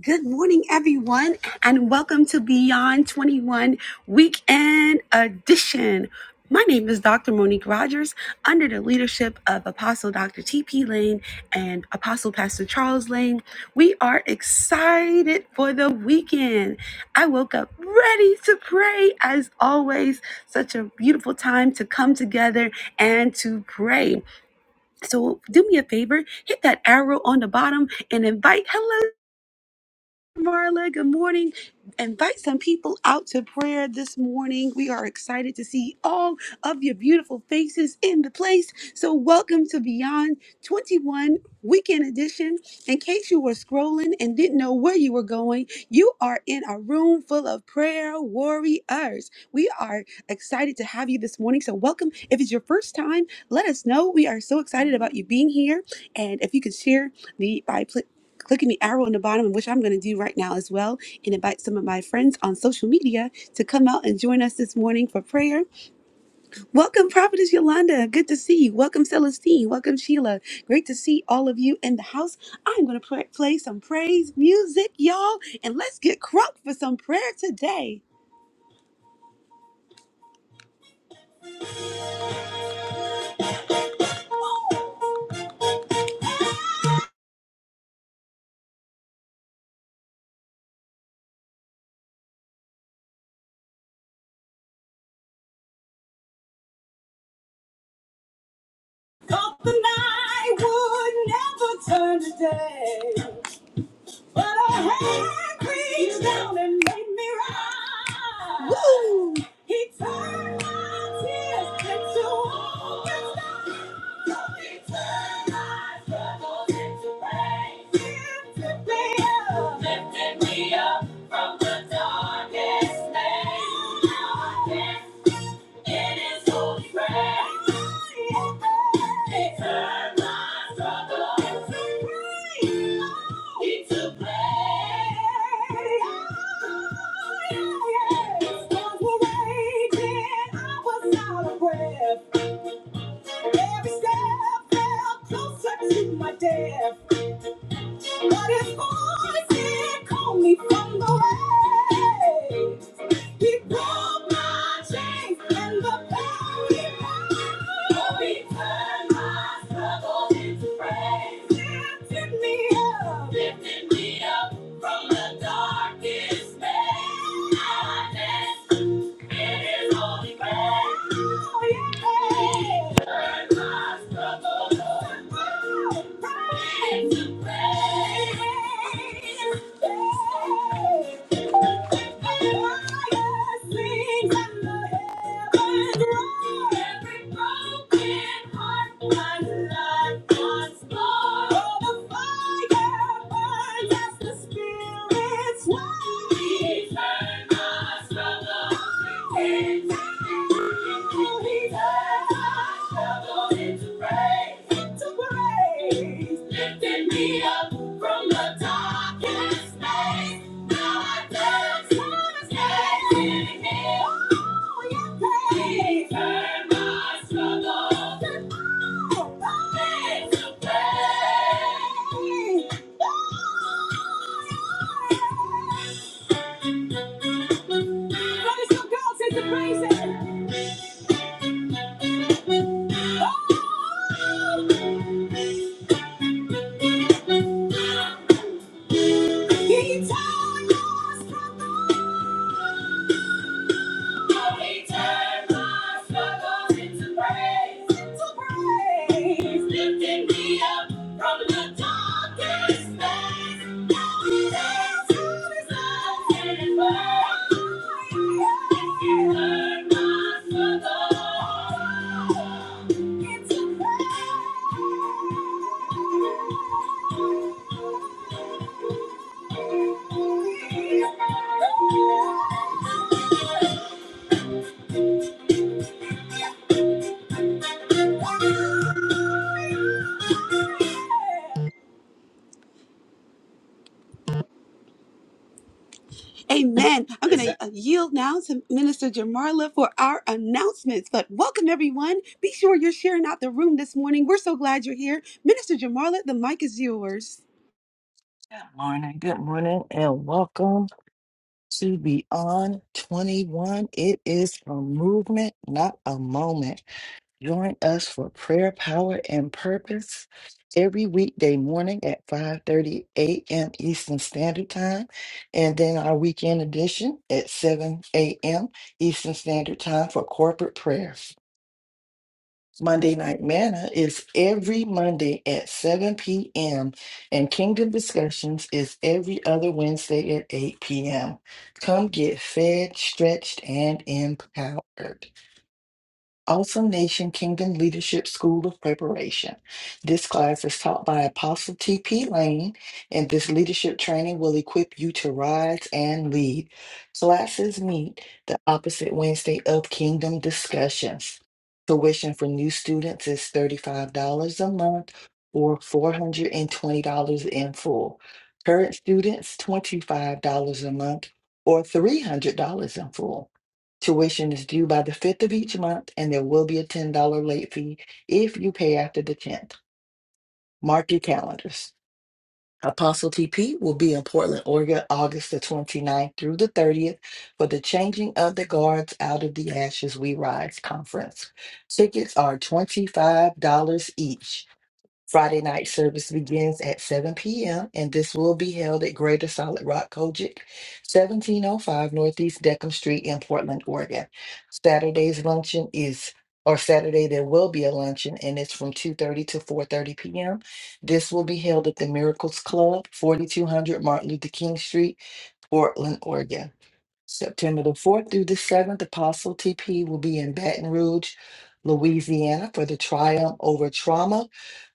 Good morning, everyone, and welcome to Beyond 21 Weekend Edition. My name is Dr. Monique Rogers, under the leadership of Apostle Dr. T.P. Lane and Apostle Pastor Charles Lane. We are excited for the weekend. I woke up ready to pray, as always. Such a beautiful time to come together and to pray. So, do me a favor hit that arrow on the bottom and invite hello. Marla, good morning. Invite some people out to prayer this morning. We are excited to see all of your beautiful faces in the place. So, welcome to Beyond 21 Weekend Edition. In case you were scrolling and didn't know where you were going, you are in a room full of prayer warriors. We are excited to have you this morning. So, welcome. If it's your first time, let us know. We are so excited about you being here. And if you could share the by clicking the arrow on the bottom, which I'm going to do right now as well, and invite some of my friends on social media to come out and join us this morning for prayer. Welcome, Prophetess Yolanda. Good to see you. Welcome, Celestine. Welcome, Sheila. Great to see all of you in the house. I'm going to play some praise music, y'all, and let's get crunk for some prayer today. Hope the night would never turn to day. But her hand reached down and made me rise. Woo! He turned my tears into open skies. He turned my struggles into praise. He Lifted me up. Lifted me up from the darkest place. Darkest Every step felt closer to my death. But his voice did call me from the waves. He broke my chains and the power he held. Oh, he turned my struggles into praise. Lifted me up. Lifted me up from the darkest place. Now I dance in his holy grace. Oh, yeah. He turned my struggles into praise. Into praise. He turned my struggles into Praise it. Oh! Thank you. Amen. I'm going to yield now to Minister Jamarla for our announcements. But welcome, everyone. Be sure you're sharing out the room this morning. We're so glad you're here. Minister Jamarla, the mic is yours. Good morning, good morning, and welcome to Beyond 21. It is a movement, not a moment. Join us for prayer, power, and purpose every weekday morning at 5:30 a.m. Eastern Standard Time, and then our weekend edition at 7 a.m. Eastern Standard Time for corporate prayer. Monday Night Manna is every Monday at 7 p.m., and Kingdom Discussions is every other Wednesday at 8 p.m. Come get fed, stretched, and empowered. Awesome Nation Kingdom Leadership School of Preparation. This class is taught by Apostle T.P. Lane, and this leadership training will equip you to rise and lead. Classes meet the opposite Wednesday of Kingdom Discussions. Tuition for new students is $35 a month or $420 in full. Current students, $25 a month or $300 in full. Tuition is due by the 5th of each month, and there will be a $10 late fee if you pay after the 10th. Mark your calendars. Apostle TP will be in Portland, Oregon, August the twenty ninth through the 30th for the Changing of the Guards Out of the Ashes We Rise conference. Tickets are $25 each. Friday night service begins at 7 p.m. and this will be held at Greater Solid Rock Kojic, 1705 Northeast Deckham Street in Portland, Oregon. Saturday's luncheon is or Saturday there will be a luncheon and it's from 2:30 to 4:30 p.m. This will be held at the Miracles Club, 4200 Martin Luther King Street, Portland, Oregon. September the 4th through the 7th, Apostle TP will be in Baton Rouge, Louisiana for the Triumph Over Trauma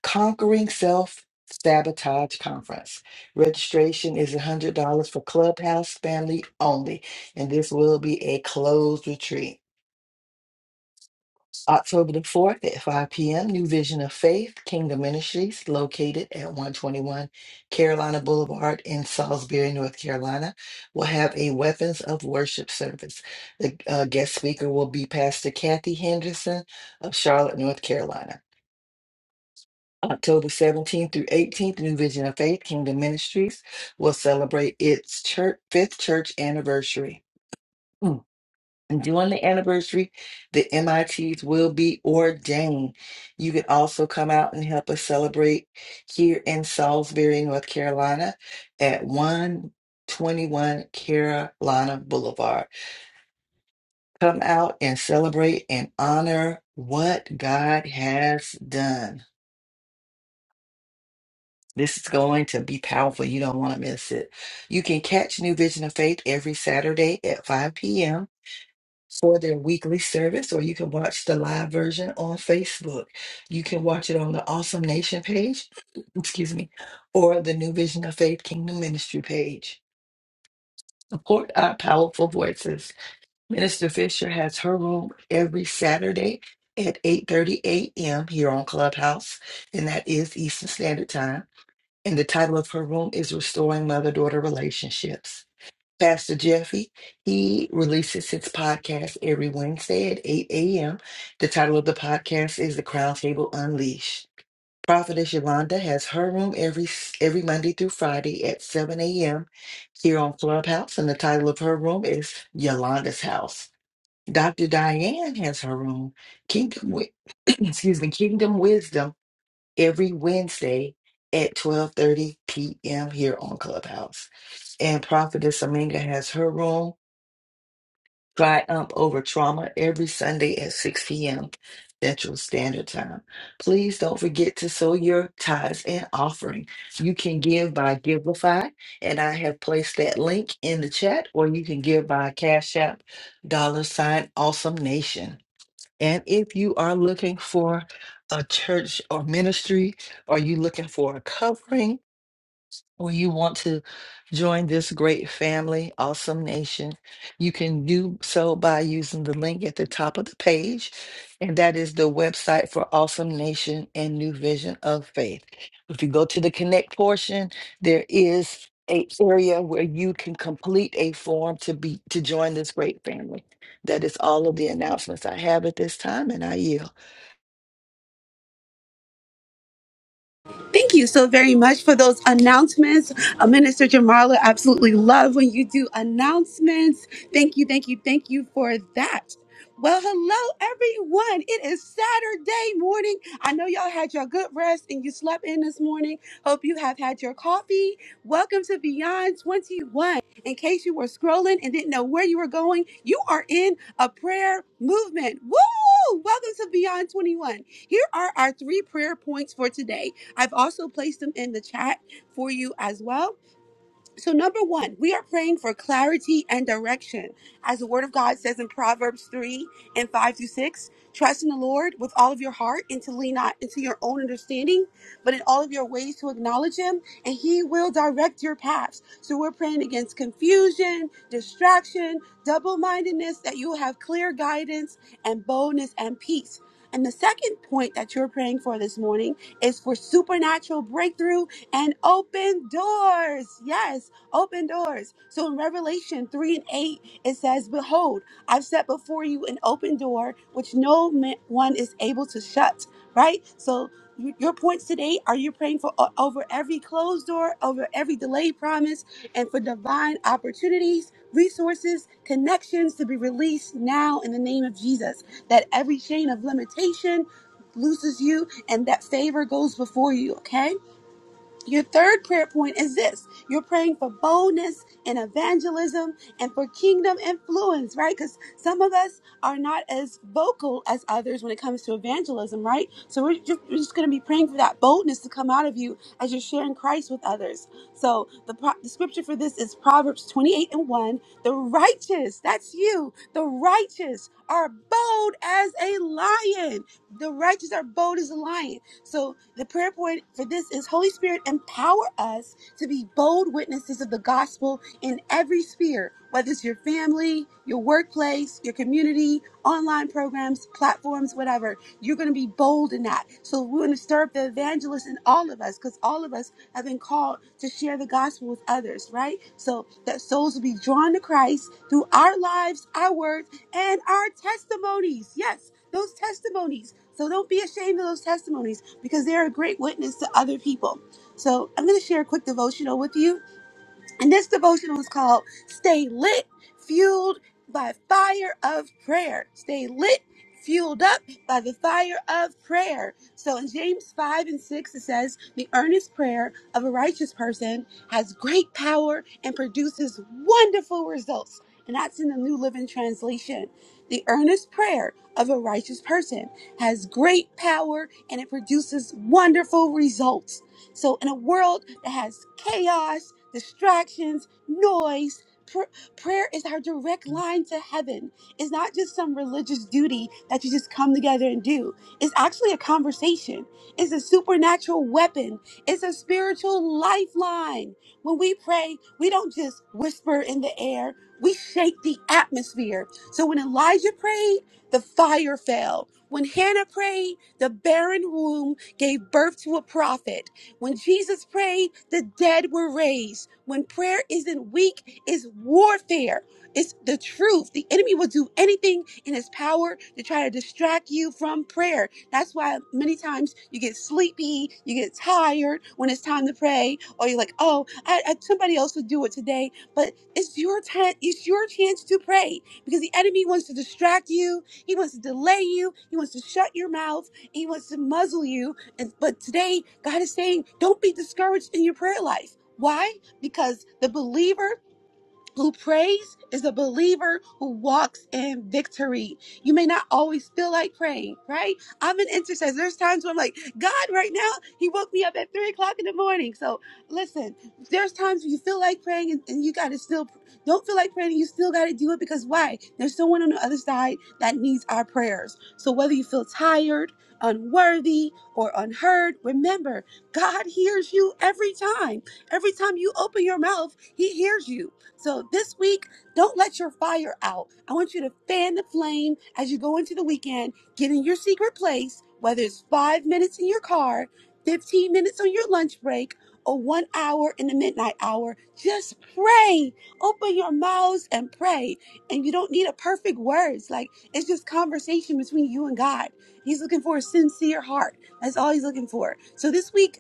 Conquering Self Sabotage Conference. Registration is $100 for Clubhouse family only, and this will be a closed retreat. October the 4th at 5 p.m., New Vision of Faith, Kingdom Ministries, located at 121 Carolina Boulevard in Salisbury, North Carolina, will have a Weapons of Worship service. The uh, guest speaker will be Pastor Kathy Henderson of Charlotte, North Carolina. October 17th through 18th, New Vision of Faith, Kingdom Ministries will celebrate its church, fifth church anniversary. And during the anniversary, the MITs will be ordained. You can also come out and help us celebrate here in Salisbury, North Carolina at 121 Carolina Boulevard. Come out and celebrate and honor what God has done. This is going to be powerful. You don't want to miss it. You can catch New Vision of Faith every Saturday at 5 p.m. for their weekly service, or you can watch the live version on Facebook. You can watch it on the Awesome Nation page, excuse me, or the New Vision of Faith Kingdom Ministry page. Support our powerful voices. Minister Fisher has her room every Saturday at 8:30 a.m. here on Clubhouse, and that is Eastern Standard Time. And the title of her room is Restoring Mother-Daughter Relationships. Pastor Jeffy. He releases his podcast every Wednesday at 8 a.m. The title of the podcast is The Crown Table Unleashed. Prophetess Yolanda has her room every every Monday through Friday at 7 a.m. here on Clubhouse, and the title of her room is Yolanda's House. Dr. Diane has her room, Kingdom Wi- excuse me, Kingdom Wisdom every Wednesday at 12:30 p.m. here on Clubhouse. And Prophetess Aminga has her room, Triumph Over Trauma, every Sunday at 6 p.m. Central Standard Time. Please don't forget to sow your tithes and offering. You can give by Givelify, and I have placed that link in the chat, or you can give by Cash App, dollar sign, awesome nation. And if you are looking for a church or ministry, or you looking for a covering, or you want to join this great family, awesome nation, you can do so by using the link at the top of the page. And that is the website for Awesome Nation and New Vision of Faith. If you go to the connect portion, there is a area where you can complete a form to be to join this great family. That is all of the announcements I have at this time, and I yield. Thank you so very much for those announcements. Uh, Minister Jamarla, absolutely love when you do announcements. Thank you, thank you, thank you for that. Well, hello, everyone. It is Saturday morning. I know y'all had your good rest and you slept in this morning. Hope you have had your coffee. Welcome to Beyond 21. In case you were scrolling and didn't know where you were going, you are in a prayer movement. Woo! Welcome to Beyond 21. Here are our three prayer points for today. I've also placed them in the chat for you as well. So, number one, we are praying for clarity and direction. As the word of God says in Proverbs 3 and 5 through 6, trust in the Lord with all of your heart and to lean not into your own understanding, but in all of your ways to acknowledge Him, and He will direct your paths. So, we're praying against confusion, distraction, double mindedness, that you will have clear guidance and boldness and peace. And the second point that you're praying for this morning is for supernatural breakthrough and open doors. Yes, open doors. So in Revelation 3 and 8, it says, Behold, I've set before you an open door which no ma- one is able to shut, right? So y- your points today are you praying for o- over every closed door, over every delayed promise, and for divine opportunities, resources, connections to be released now in the name of Jesus. That every chain of limitation looses you and that favor goes before you, okay? Your third prayer point is this you're praying for boldness and evangelism and for kingdom influence, right? Because some of us are not as vocal as others when it comes to evangelism, right? So we're ju- we're just going to be praying for that boldness to come out of you as you're sharing Christ with others. So the, pro- the scripture for this is Proverbs 28 and 1. The righteous, that's you, the righteous are bold as a lion. The righteous are bold as a lion. So the prayer point for this is Holy Spirit, empower us to be bold witnesses of the gospel in every sphere, whether it's your family, your workplace, your community, online programs, platforms, whatever. You're going to be bold in that. So we want to stir up the evangelist in all of us because all of us have been called to share the gospel with others, right? So that souls will be drawn to Christ through our lives, our words, and our testimonies. Yes, those testimonies. So don't be ashamed of those testimonies because they're a great witness to other people. So I'm going to share a quick devotional with you and this devotional is called Stay Lit, Fueled by Fire of Prayer. Stay lit, fueled up by the fire of prayer. So in James 5 and 6, it says, The earnest prayer of a righteous person has great power and produces wonderful results. And that's in the New Living Translation. The earnest prayer of a righteous person has great power and it produces wonderful results. So, in a world that has chaos, distractions, noise, pr- prayer is our direct line to heaven. It's not just some religious duty that you just come together and do. It's actually a conversation, it's a supernatural weapon, it's a spiritual lifeline. When we pray, we don't just whisper in the air, we shake the atmosphere. So, when Elijah prayed, the fire fell. When Hannah prayed, the barren womb gave birth to a prophet. When Jesus prayed, the dead were raised. When prayer isn't weak, it's warfare. It's the truth. The enemy will do anything in his power to try to distract you from prayer. That's why many times you get sleepy, you get tired when it's time to pray, or you're like, "Oh, I, I, somebody else would do it today." But it's your time. It's your chance to pray because the enemy wants to distract you. He wants to delay you. He wants to shut your mouth. He wants to muzzle you and but today, God is saying, don't be discouraged in your prayer life. Why? Because the believer who prays is a believer who walks in victory. You may not always feel like praying, right? I'm an intercessor. There's times where I'm like, God, right now, He woke me up at three o'clock in the morning. So listen, there's times when you feel like praying and, and you got to still, don't feel like praying, you still got to do it because why? There's someone on the other side that needs our prayers. So whether you feel tired, unworthy, or unheard, remember, God hears you every time. Every time you open your mouth, He hears you. So this week, don't let your fire out. I want you to fan the flame as you go into the weekend, get in your secret place, whether it's five minutes in your car, 15 minutes on your lunch break, or one hour in the midnight hour. Just pray. Open your mouths and pray. And you don't need a perfect words. Like it's just conversation between you and God. He's looking for a sincere heart. That's all he's looking for. So this week,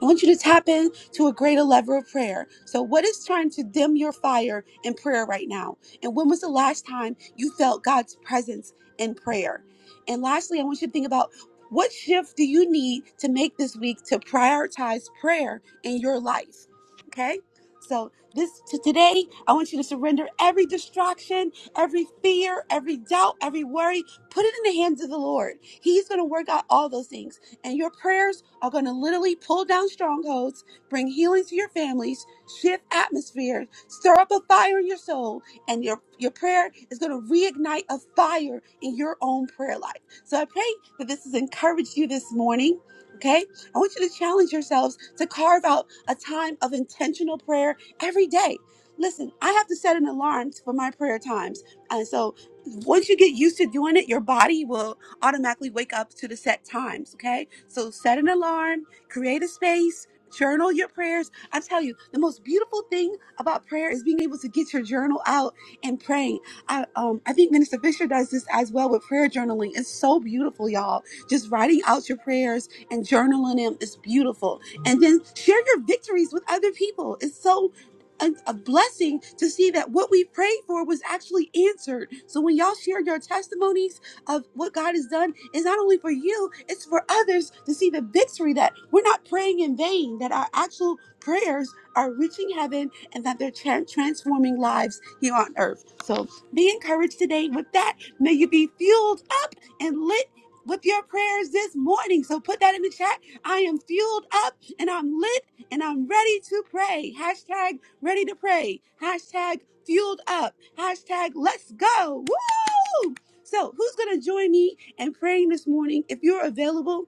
I want you to tap in to a greater level of prayer. So, what is trying to dim your fire in prayer right now? And when was the last time you felt God's presence in prayer? And lastly, I want you to think about what shift do you need to make this week to prioritize prayer in your life? Okay? So, this to today, I want you to surrender every distraction, every fear, every doubt, every worry. Put it in the hands of the Lord. He's going to work out all those things. And your prayers are going to literally pull down strongholds, bring healing to your families, shift atmospheres, stir up a fire in your soul, and your, your prayer is going to reignite a fire in your own prayer life. So I pray that this has encouraged you this morning. Okay, I want you to challenge yourselves to carve out a time of intentional prayer every day. Listen, I have to set an alarm for my prayer times. And so once you get used to doing it, your body will automatically wake up to the set times, okay? So set an alarm, create a space, journal your prayers. I tell you, the most beautiful thing about prayer is being able to get your journal out and praying. I um I think Minister Fisher does this as well with prayer journaling. It's so beautiful, y'all. Just writing out your prayers and journaling them is beautiful. And then share your victories with other people. It's so a, a blessing to see that what we prayed for was actually answered. So when y'all share your testimonies, of what God has done is not only for you, it's for others to see the victory that we're not praying in vain, that our actual prayers are reaching heaven and that they're tran- transforming lives here on earth. So be encouraged today with that. May you be fueled up and lit with your prayers this morning. So put that in the chat. I am fueled up and I'm lit and I'm ready to pray. Hashtag ready to pray. Hashtag fueled up. Hashtag let's go. Woo! So, who's going to join me in praying this morning? If you're available,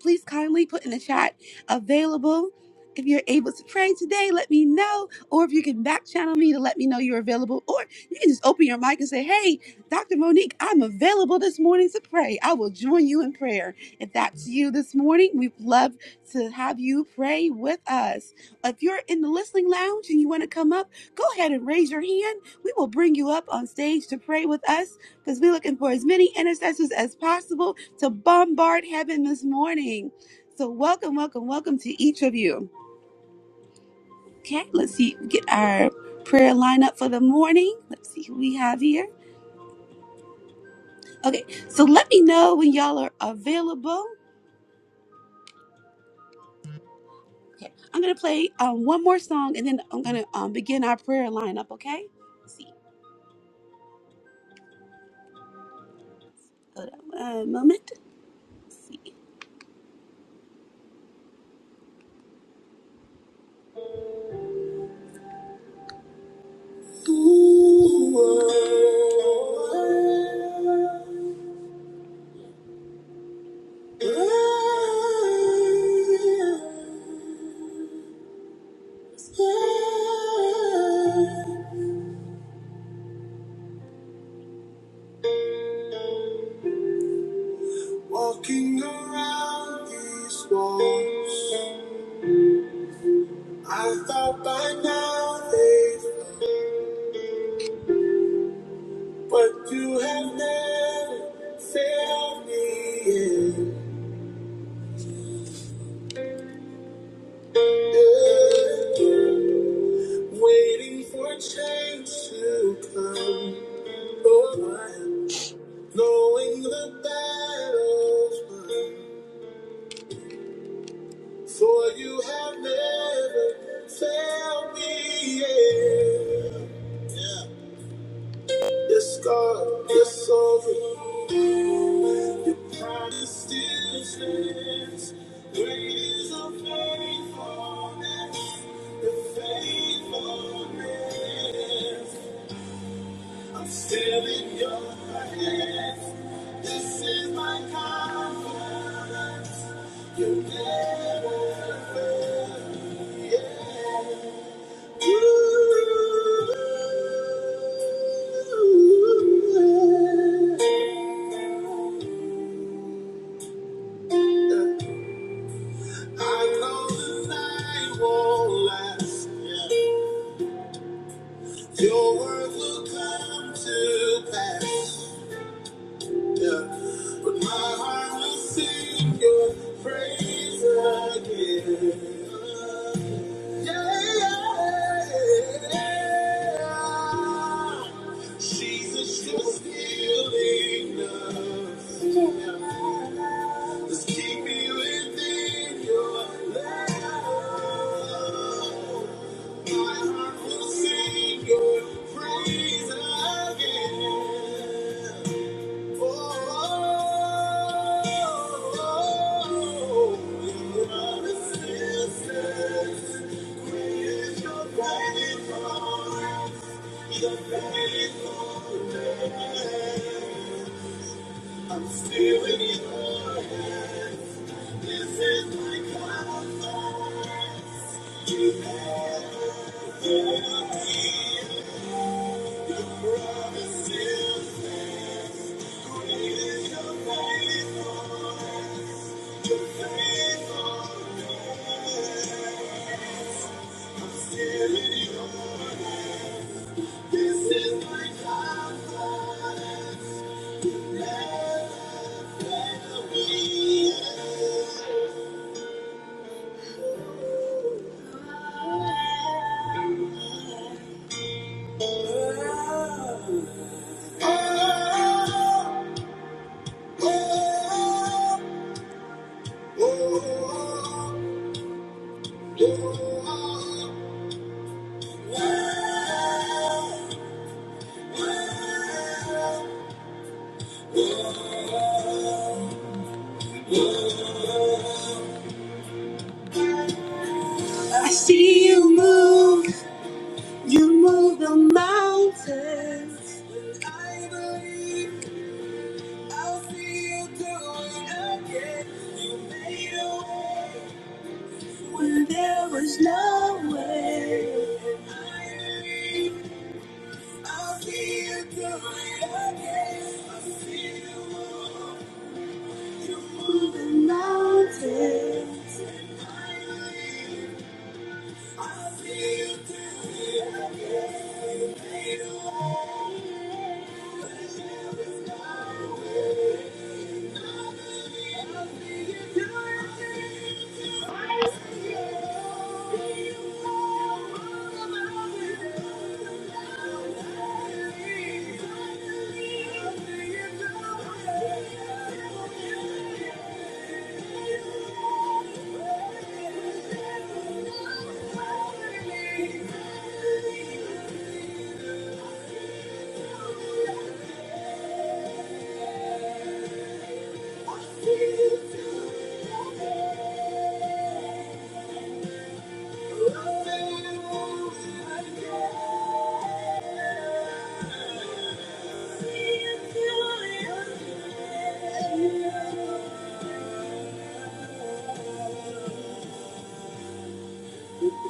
please kindly put in the chat available. If you're able to pray today, let me know. Or if you can back channel me to let me know you're available. Or you can just open your mic and say, Hey, Dr. Monique, I'm available this morning to pray. I will join you in prayer. If that's you this morning, we'd love to have you pray with us. If you're in the listening lounge and you want to come up, go ahead and raise your hand. We will bring you up on stage to pray with us because we're looking for as many intercessors as possible to bombard heaven this morning. So, welcome, welcome, welcome to each of you. Okay, let's see, get our prayer lineup for the morning. Let's see who we have here. Okay, so let me know when y'all are available. Okay, I'm gonna play um, one more song and then I'm gonna um, begin our prayer lineup, okay? Let's see, hold on a moment. Let's see. Walking around these walls, I thought by now they, would but you have never failed me yet. Yeah. Waiting for change to come, oh, I am knowing the battle's won. For you have never failed me yet. Your scar is over. Your promise still stands. Great is your faithfulness. Your faithfulness. I'm still in your hands. This is my confidence. You never fail. me. Yeah. You. I know the night won't last. Yeah. Your words will come to pass. Yeah. But my heart will sing your praise again. Yeah. yeah. Jesus, you're still enough. Just keep me within your love. My heart will sing your praise again. I'm still in your hands. This is my confidence. You never fail me. Your promises, great is your faithfulness. Oh, I see you move, you move the mountains. I believe I'll see you do it again. You made a way when there was no way. I believe I'll see you do it again. I see you move, you move the mountains.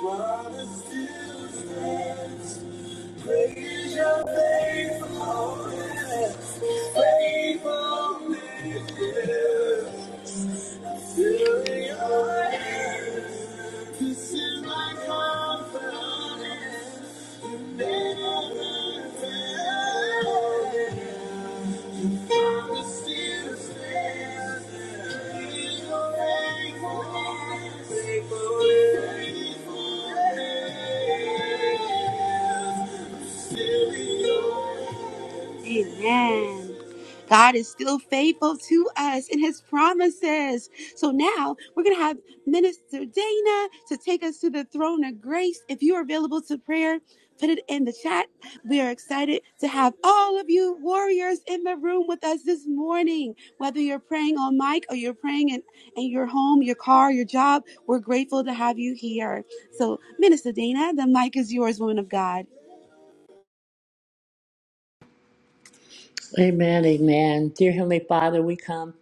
While it still stands. Praise your faithfulness, faithfulness, yeah. Fill your hands, this is my confidence. Amen. God is still faithful to us in his promises. So now we're going to have Minister Dana to take us to the throne of grace. If you are available to prayer, Put it in the chat. We are excited to have all of you warriors in the room with us this morning. Whether you're praying on mic or you're praying in, in your home, your car, your job, we're grateful to have you here. So, Minister Dana, the mic is yours, woman of God. Amen, amen. Dear Heavenly Father, we come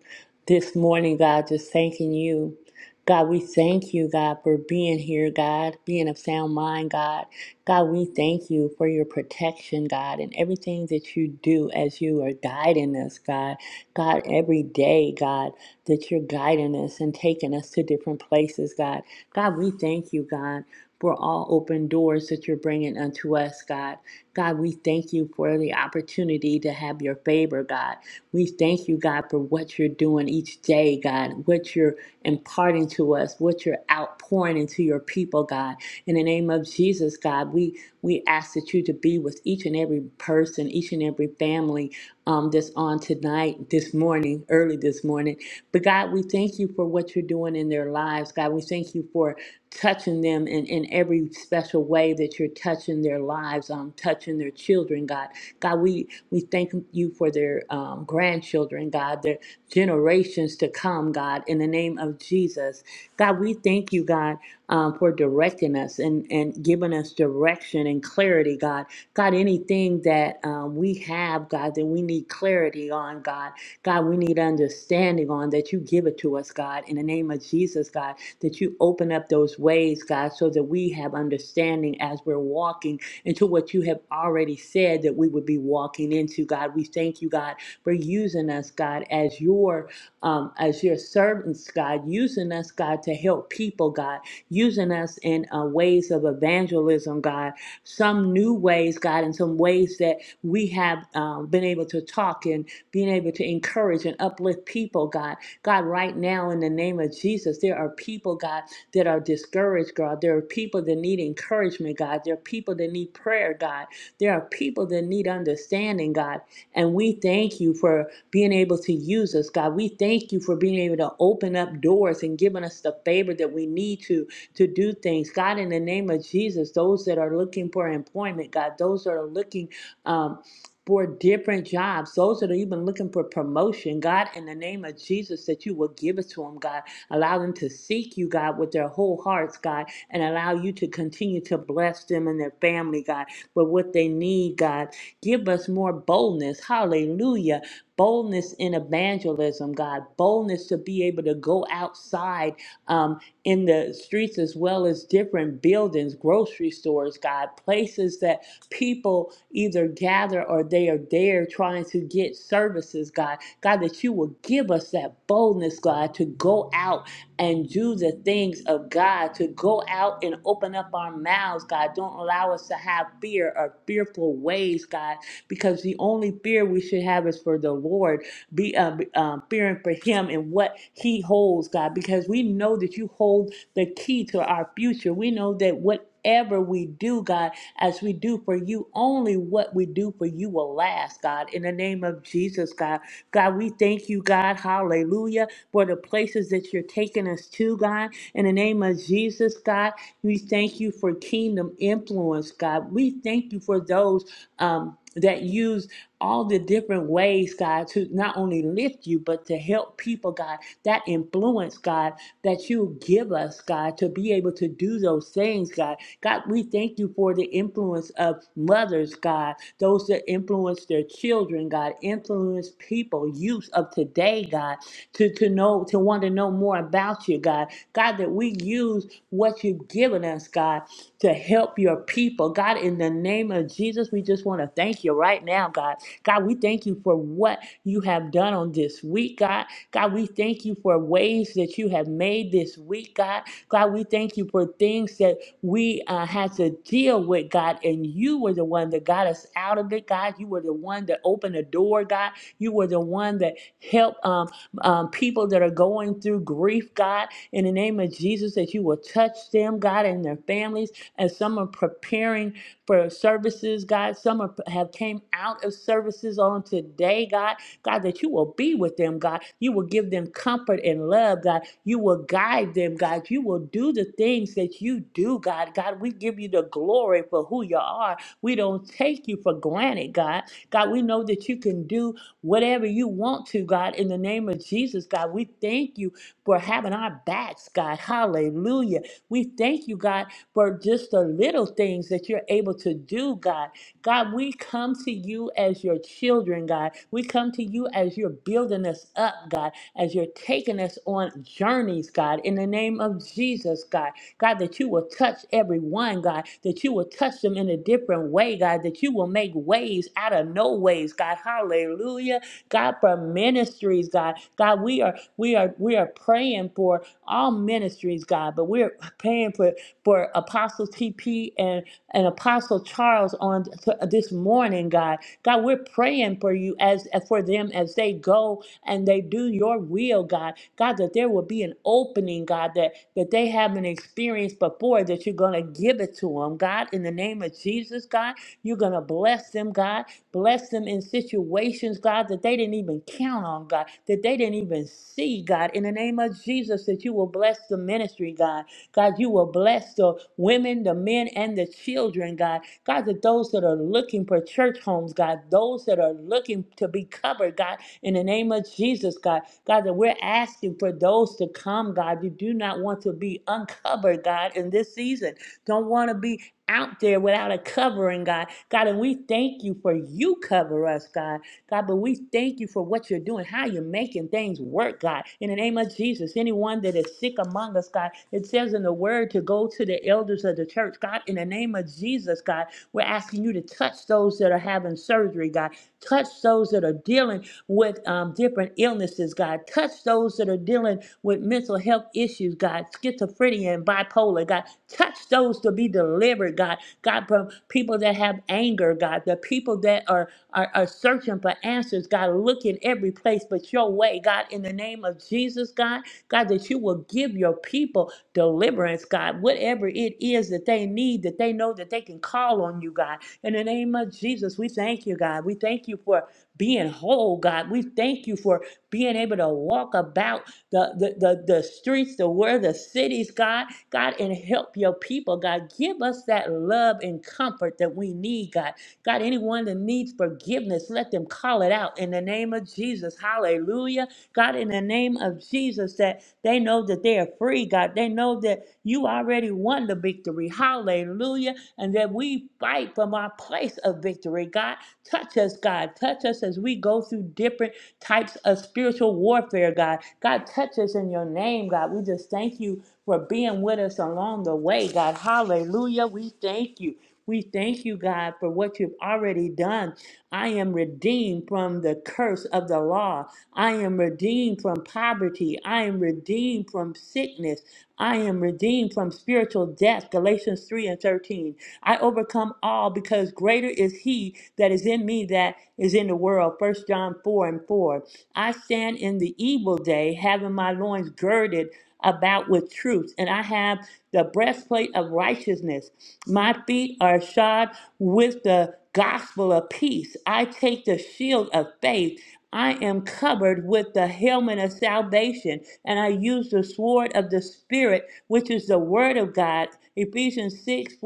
this morning, God, just thanking you. God, we thank you, God, for being here, God, being of sound mind, God. God, we thank you for your protection, God, and everything that you do as you are guiding us, God. God, every day, God, that you're guiding us and taking us to different places, God. God, we thank you, God, for all open doors that you're bringing unto us, God. God, we thank you for the opportunity to have your favor, God. We thank you, God, for what you're doing each day, God, what you're imparting to us, what you're outpouring into your people, God. In the name of Jesus, God, we we ask that you to be with each and every person, each and every family um, that's on tonight, this morning, early this morning. But God, we thank you for what you're doing doing in their lives, God. We thank you for touching them in, in every special way that you're touching their lives, um, touching their children, God. God, we, we thank you for their um, grandchildren, God, their generations to come, God, in the name of Jesus. God, we thank you, God, um, for directing us and, and giving us direction and clarity, God. God, anything that um, we have, God, that we need clarity on, God. God, we need understanding on that you give it to us, God, in the name of Jesus, God, that you open up those ways, God, so that we have understanding as we're walking into what you have already said that we would be walking into, God. We thank you, God, for using us, God, as your um, as your servants, God, using us, God, to help people, God, using us in uh, ways of evangelism, God, some new ways, God, and some ways that we have um, been able to talk in being able to encourage and uplift people, God. God, right now, in the name of Jesus, there are people, God, that are discouraged, God. There are people that need encouragement, God. There are people that need prayer, God. There are people that need understanding, God. And we thank you for being able to use us, God. We thank you for being able to open up doors and giving us the favor that we need to to do things, God. In the name of Jesus, those that are looking for employment, God, those that are looking. um for different jobs, those that are even looking for promotion, God, in the name of Jesus, that you will give it to them, God. Allow them to seek you, God, with their whole hearts, God, and allow you to continue to bless them and their family, God, with what they need, God. Give us more boldness. Hallelujah. Boldness in evangelism, God. Boldness to be able to go outside um, in the streets as well as different buildings, grocery stores, God. Places that people either gather or they are there trying to get services, God. God, that you will give us that boldness, God, to go out and do the things of God, to go out and open up our mouths, God. Don't allow us to have fear or fearful ways, God, because the only fear we should have is for the Lord, be um, um, fearing for Him and what He holds, God, because we know that you hold the key to our future. We know that whatever we do, God as we do for you. Only what we do for you will last, God. In the name of Jesus, God. God, we thank you, God. Hallelujah for the places that you're taking us to, God. In the name of Jesus, God, we thank you for kingdom influence, God. We thank you for those um, that use all the different ways, God, to not only lift you, but to help people, God. That influence, God, that you give us, God, to be able to do those things, God. God, we thank you for the influence of mothers, God, those that influence their children, God, influence people, youth of today, God, to, to know, to want to know more about you, God. God, that we use what you've given us, God, to help your people. God, in the name of Jesus, we just want to thank you right now, God. God, we thank you for what you have done on this week, God. God, we thank you for ways that you have made this week, God. God, we thank you for things that we uh, had to deal with, God, and you were the one that got us out of it, God. You were the one that opened the door, God. You were the one that Help um, um, people that are going through grief, God, in the name of Jesus, that you will touch them, God, and their families. And some are preparing for services, God, some are, have came out of services on today, God. God, that you will be with them, God. You will give them comfort and love, God. You will guide them, God. You will do the things that you do, God. God, we give you the glory for who you are. We don't take you for granted, God. God, we know that you can do whatever you want to, God, in the name of Jesus, God. We thank you for having our backs, God. Hallelujah. We thank you, God, for just the little things that you're able to do, God. God, we come to you as your children, God. We come to you as you're building us up, God, as you're taking us on journeys, God, in the name of Jesus, God. God, that you will touch everyone, God, that you will touch them in a different way, God, that you will make ways out of no ways, God. Hallelujah. God, for ministries, God. God, we are we are we are praying for all ministries, God, but we're praying for for Apostle TP and and Apostle Charles on t- this morning, God. God, we're praying for you as for them as they go and they do your will, God. God, that there will be an opening, God, that, that they haven't experienced before, that you're going to give it to them, God, in the name of Jesus, God. You're going to bless them, God. Bless them in situations, God, that they didn't even count on, God, that they didn't even see, God, in the name of Jesus, that you will bless the ministry, God. God, you will bless the women, the men, and the children, God. God, that those that are looking for church homes, God, those that are looking to be covered, God, in the name of Jesus, God, God, that we're asking for those to come, God. You do not want to be uncovered, God, in this season. Don't want to be out there without a covering, God. God, and we thank you for you cover us, God. God, but we thank you for what you're doing, how you're making things work, God. In the name of Jesus, anyone that is sick among us, God, it says in the word to go to the elders of the church. God, in the name of Jesus, God, we're asking you to touch those that are having surgery, God. Touch those that are dealing with um, different illnesses, God. Touch those that are dealing with mental health issues, God, schizophrenia and bipolar, God. Touch those to be delivered, God. God, from people that have anger, God, the people that are, are, are searching for answers, God, look in every place but your way, God, in the name of Jesus, God, God, that you will give your people deliverance, God, whatever it is that they need, that they know that they can call on you, God. In the name of Jesus, we thank you, God. We thank you for being whole, God. We thank you for being able to walk about the, the, the, the streets, the where the cities, God, God, and help your people, God. Give us that love and comfort that we need, God. God, anyone that needs forgiveness, let them call it out in the name of Jesus. Hallelujah. God, in the name of Jesus, that they know that they are free, God. They know that you already won the victory. Hallelujah. And that we fight from our place of victory, God. Touch us, God. Touch us as we go through different types of spiritual warfare, God. God, touch us in your name, God. We just thank you for being with us along the way, God. Hallelujah. We thank you. We thank you, God, for what you've already done. I am redeemed from the curse of the law. I am redeemed from poverty. I am redeemed from sickness. I am redeemed from spiritual death. Galatians 3 and 13. I overcome all because greater is he that is in me that is in the world. First John 4 and 4. I stand in the evil day, having my loins girded about with truth, and I have the breastplate of righteousness. My feet are shod with the gospel of peace. I take the shield of faith I am covered with the helmet of salvation, and I use the sword of the Spirit, which is the word of God. Ephesians 6:14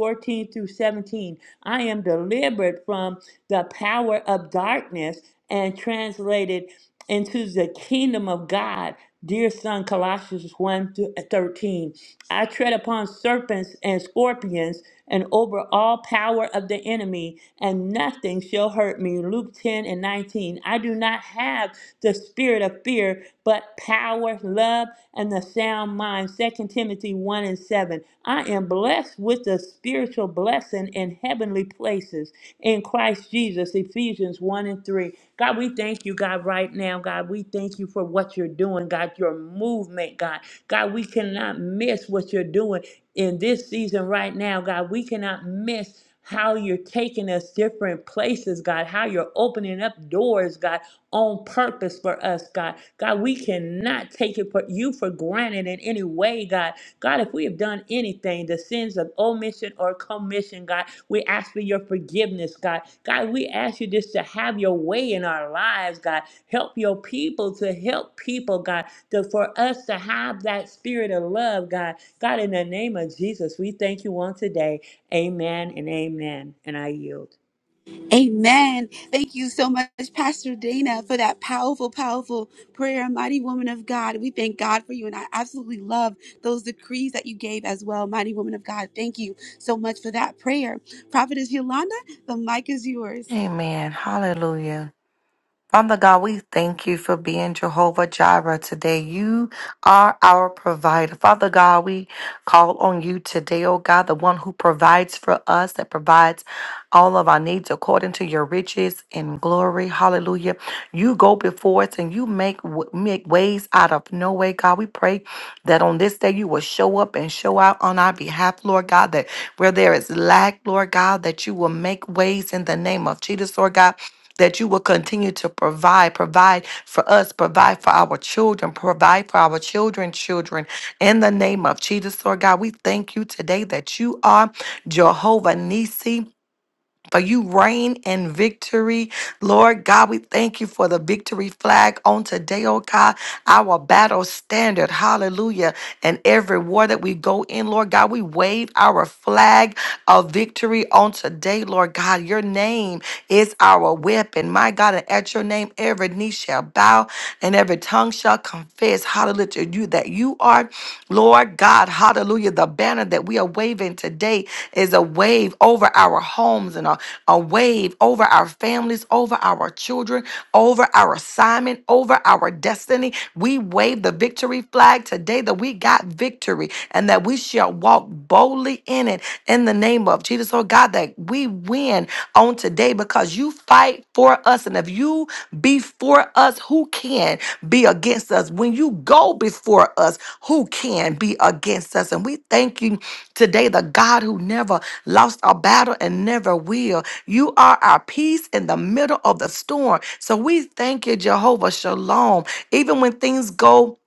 through 17. I am delivered from the power of darkness and translated into the kingdom of God. Dear son, Colossians 1 through 13. I tread upon serpents and scorpions and over all power of the enemy, and nothing shall hurt me. Luke 10 and 19. I do not have the spirit of fear, but power, love, and the sound mind. Second Timothy 1 and 7. I am blessed with the spiritual blessing in heavenly places in Christ Jesus. Ephesians 1 and 3. God, we thank you, God, right now. God, we thank you for what you're doing, God, your movement, God. God, we cannot miss what you're doing in this season right now, God. We cannot miss how you're taking us different places, God, how you're opening up doors, God, on purpose for us, God. God, we cannot take it for you for granted in any way, God. God, if we have done anything, the sins of omission or commission, God, we ask for your forgiveness, God. God, we ask you just to have your way in our lives, God. Help your people to help people, God, to, for us to have that spirit of love, God. God, in the name of Jesus, we thank you on today. Amen and amen. And I yield. Amen. Thank you so much, Pastor Dana, for that powerful, powerful prayer, mighty woman of God. We thank God for you. And I absolutely love those decrees that you gave as well, mighty woman of God. Thank you so much for that prayer. Prophetess Yolanda, the mic is yours. Amen. Hallelujah. Father God, we thank you for being Jehovah Jireh today. You are our provider. Father God, we call on you today, oh God, the one who provides for us, that provides all of our needs according to your riches and glory. Hallelujah. You go before us and you make w- make ways out of no way, God. We pray that on this day you will show up and show out on our behalf, Lord God, that where there is lack, Lord God, that you will make ways in the name of Jesus, Lord God that you will continue to provide, provide for us, provide for our children, provide for our children's children. In the name of Jesus, Lord God, we thank you today that you are Jehovah Nisi for you reign in victory. Lord God, we thank you for the victory flag on today, oh God, our battle standard. Hallelujah. And every war that we go in, Lord God, we wave our flag of victory on today, Lord God. Your name is our weapon. My God, and at your name, every knee shall bow and every tongue shall confess, hallelujah, to you that you are Lord God, hallelujah. The banner that we are waving today is a wave over our homes and a, a wave over our families, over our children, over our assignment, over our our destiny. We wave the victory flag today that we got victory and that we shall walk boldly in it in the name of Jesus. Oh God, that we win on today because you fight for us. And if you be for us, who can be against us? When you go before us, who can be against us? And we thank you today, the God who never lost a battle and never will. You are our peace in the middle of the storm. So we thank you, Jehovah Shalom. Even when things go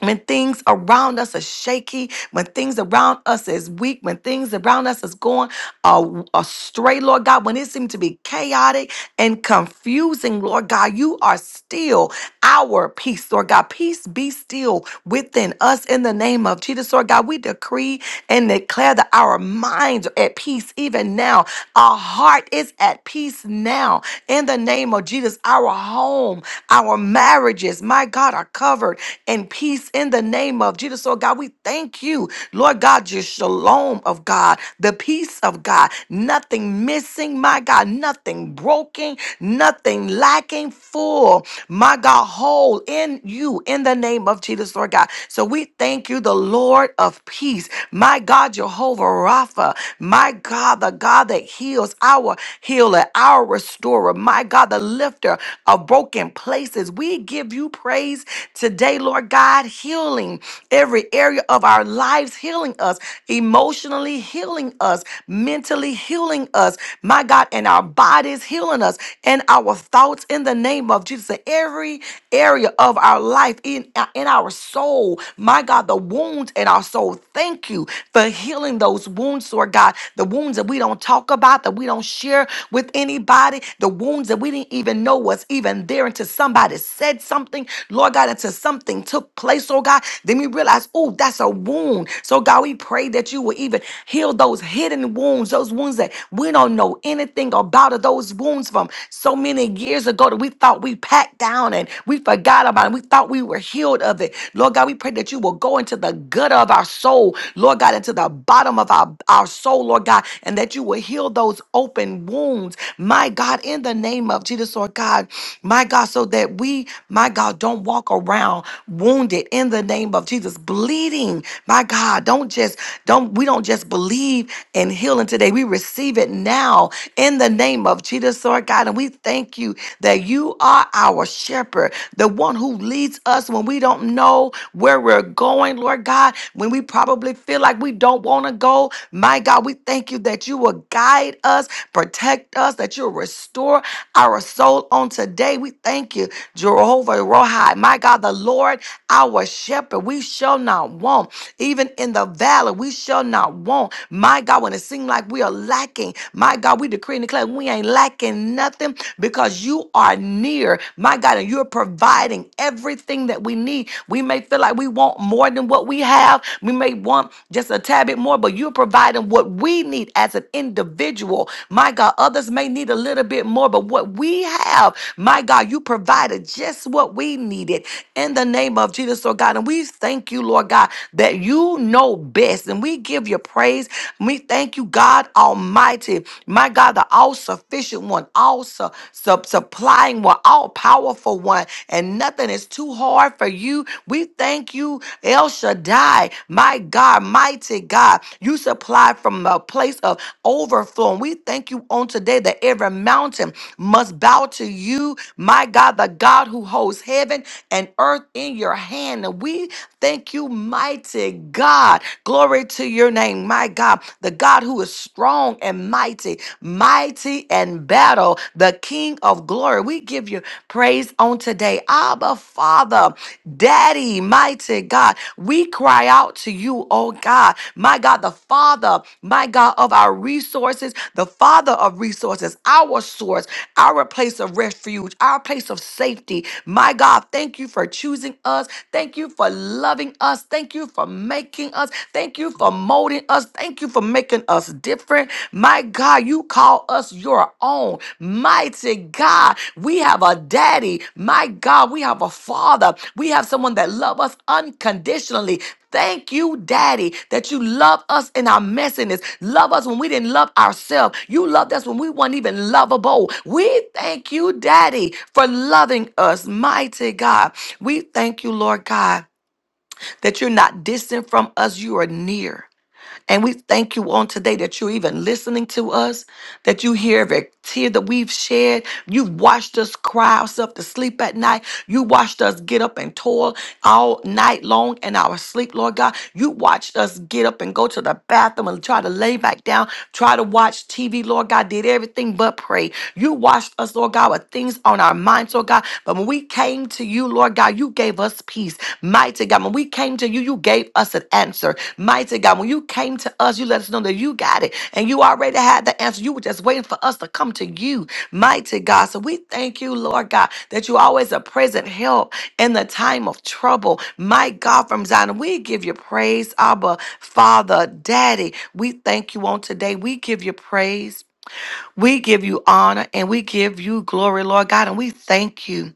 when things around us are shaky, when things around us is weak, when things around us is going uh, astray, Lord God, when it seemed to be chaotic and confusing, Lord God, you are still our peace, Lord God. Peace be still within us in the name of Jesus, Lord God. We decree and declare that our minds are at peace even now. Our heart is at peace now in the name of Jesus. Our home, our marriages, my God, are covered in peace in the name of Jesus. Lord God, we thank you, Lord God, your shalom of God, the peace peace of God. Nothing missing, my God, nothing broken, nothing lacking, full, my God, whole in you in the name of Jesus, Lord God. So we thank you, the Lord of peace, my God, Jehovah Rapha, my God, the God that heals, our healer, our restorer, my God, the lifter of broken places. We give you praise today, Lord God, healing every area of our lives, healing us emotionally, healing us, mentally healing us, my God, and our bodies healing us, and our thoughts in the name of Jesus, in every area of our life, in, in our soul, my God, the wounds in our soul. Thank you for healing those wounds, Lord God, the wounds that we don't talk about, that we don't share with anybody, the wounds that we didn't even know was even there until somebody said something, Lord God, until something took place, oh God. Then we realize, oh, that's a wound. So, God, we pray that you will would even heal those hidden wounds, those wounds that we don't know anything about, or those wounds from so many years ago that we thought we packed down and we forgot about it. We thought we were healed of it. Lord God, we pray that you will go into the gut of our soul, Lord God, into the bottom of our, our soul, Lord God, and that you will heal those open wounds, my God, in the name of Jesus, Lord God, my God, so that we, my God, don't walk around wounded in the name of Jesus, bleeding, my God. Don't just don't we don't just believe in healing today. We receive it now in the name of Jesus, Lord God. And we thank you that you are our shepherd, the one who leads us when we don't know where we're going, Lord God, when we probably feel like we don't want to go. My God, we thank you that you will guide us, protect us, that you'll restore our soul on today. We thank you, Jehovah Rohi, my God, the Lord, our shepherd. We shall not want, even in the the valley, we shall not want. My God, when it seems like we are lacking, my God, we decree and declare we ain't lacking nothing because you are near, my God, and you're providing everything that we need. We may feel like we want more than what we have, we may want just a tad bit more, but you're providing what we need as an individual. My God, others may need a little bit more, but what we have, my God, you provided just what we needed in the name of Jesus, Lord God. And we thank you, Lord God, that God, you know best. And we give you praise. We thank you, God Almighty. My God, the all sufficient one, all su- sup- supplying one, all powerful one. And nothing is too hard for you. We thank you, El Shaddai. My God, mighty God, you supply from a place of overflow. And we thank you on today that every mountain must bow to you, my God, the God who holds heaven and earth in your hand. And we thank you, mighty God. Glory to your name, my God, the God who is strong and mighty, mighty and battle, the King of glory. We give you praise on today. Abba, Father, Daddy, mighty God, we cry out to you, oh God, my God, the Father, my God of our resources, the Father of resources, our source, our place of refuge, our place of safety. My God, thank you for choosing us. Thank you for loving loving us. Thank you for making us. Thank you for molding us. Thank you for making us different. My God, you call us your own. Mighty God, we have a daddy. My God, we have a father. We have someone that loves us unconditionally. Thank you, Daddy, that you love us in our messiness. Love us when we didn't love ourselves. You loved us when we weren't even lovable. We thank you, Daddy, for loving us, mighty God. We thank you, Lord God that you're not distant from us, you are near. And we thank you on today that you're even listening to us, that you hear every tear that we've shed. You've watched us cry ourselves to sleep at night. You watched us get up and toil all night long in our sleep, Lord God. You watched us get up and go to the bathroom and try to lay back down, try to watch TV, Lord God, did everything but pray. You watched us, Lord God, with things on our minds, Lord God. But when we came to you, Lord God, you gave us peace. Mighty God, when we came to you, you gave us an answer. Mighty God, when you came to us, you let us know that you got it and you already had the answer. You were just waiting for us to come to you. Mighty God, so we thank you, Lord God, that you always a present help in the time of trouble. My God, from Zion, we give you praise, Abba, Father, Daddy. We thank you on today. We give you praise. We give you honor and we give you glory, Lord God, and we thank you.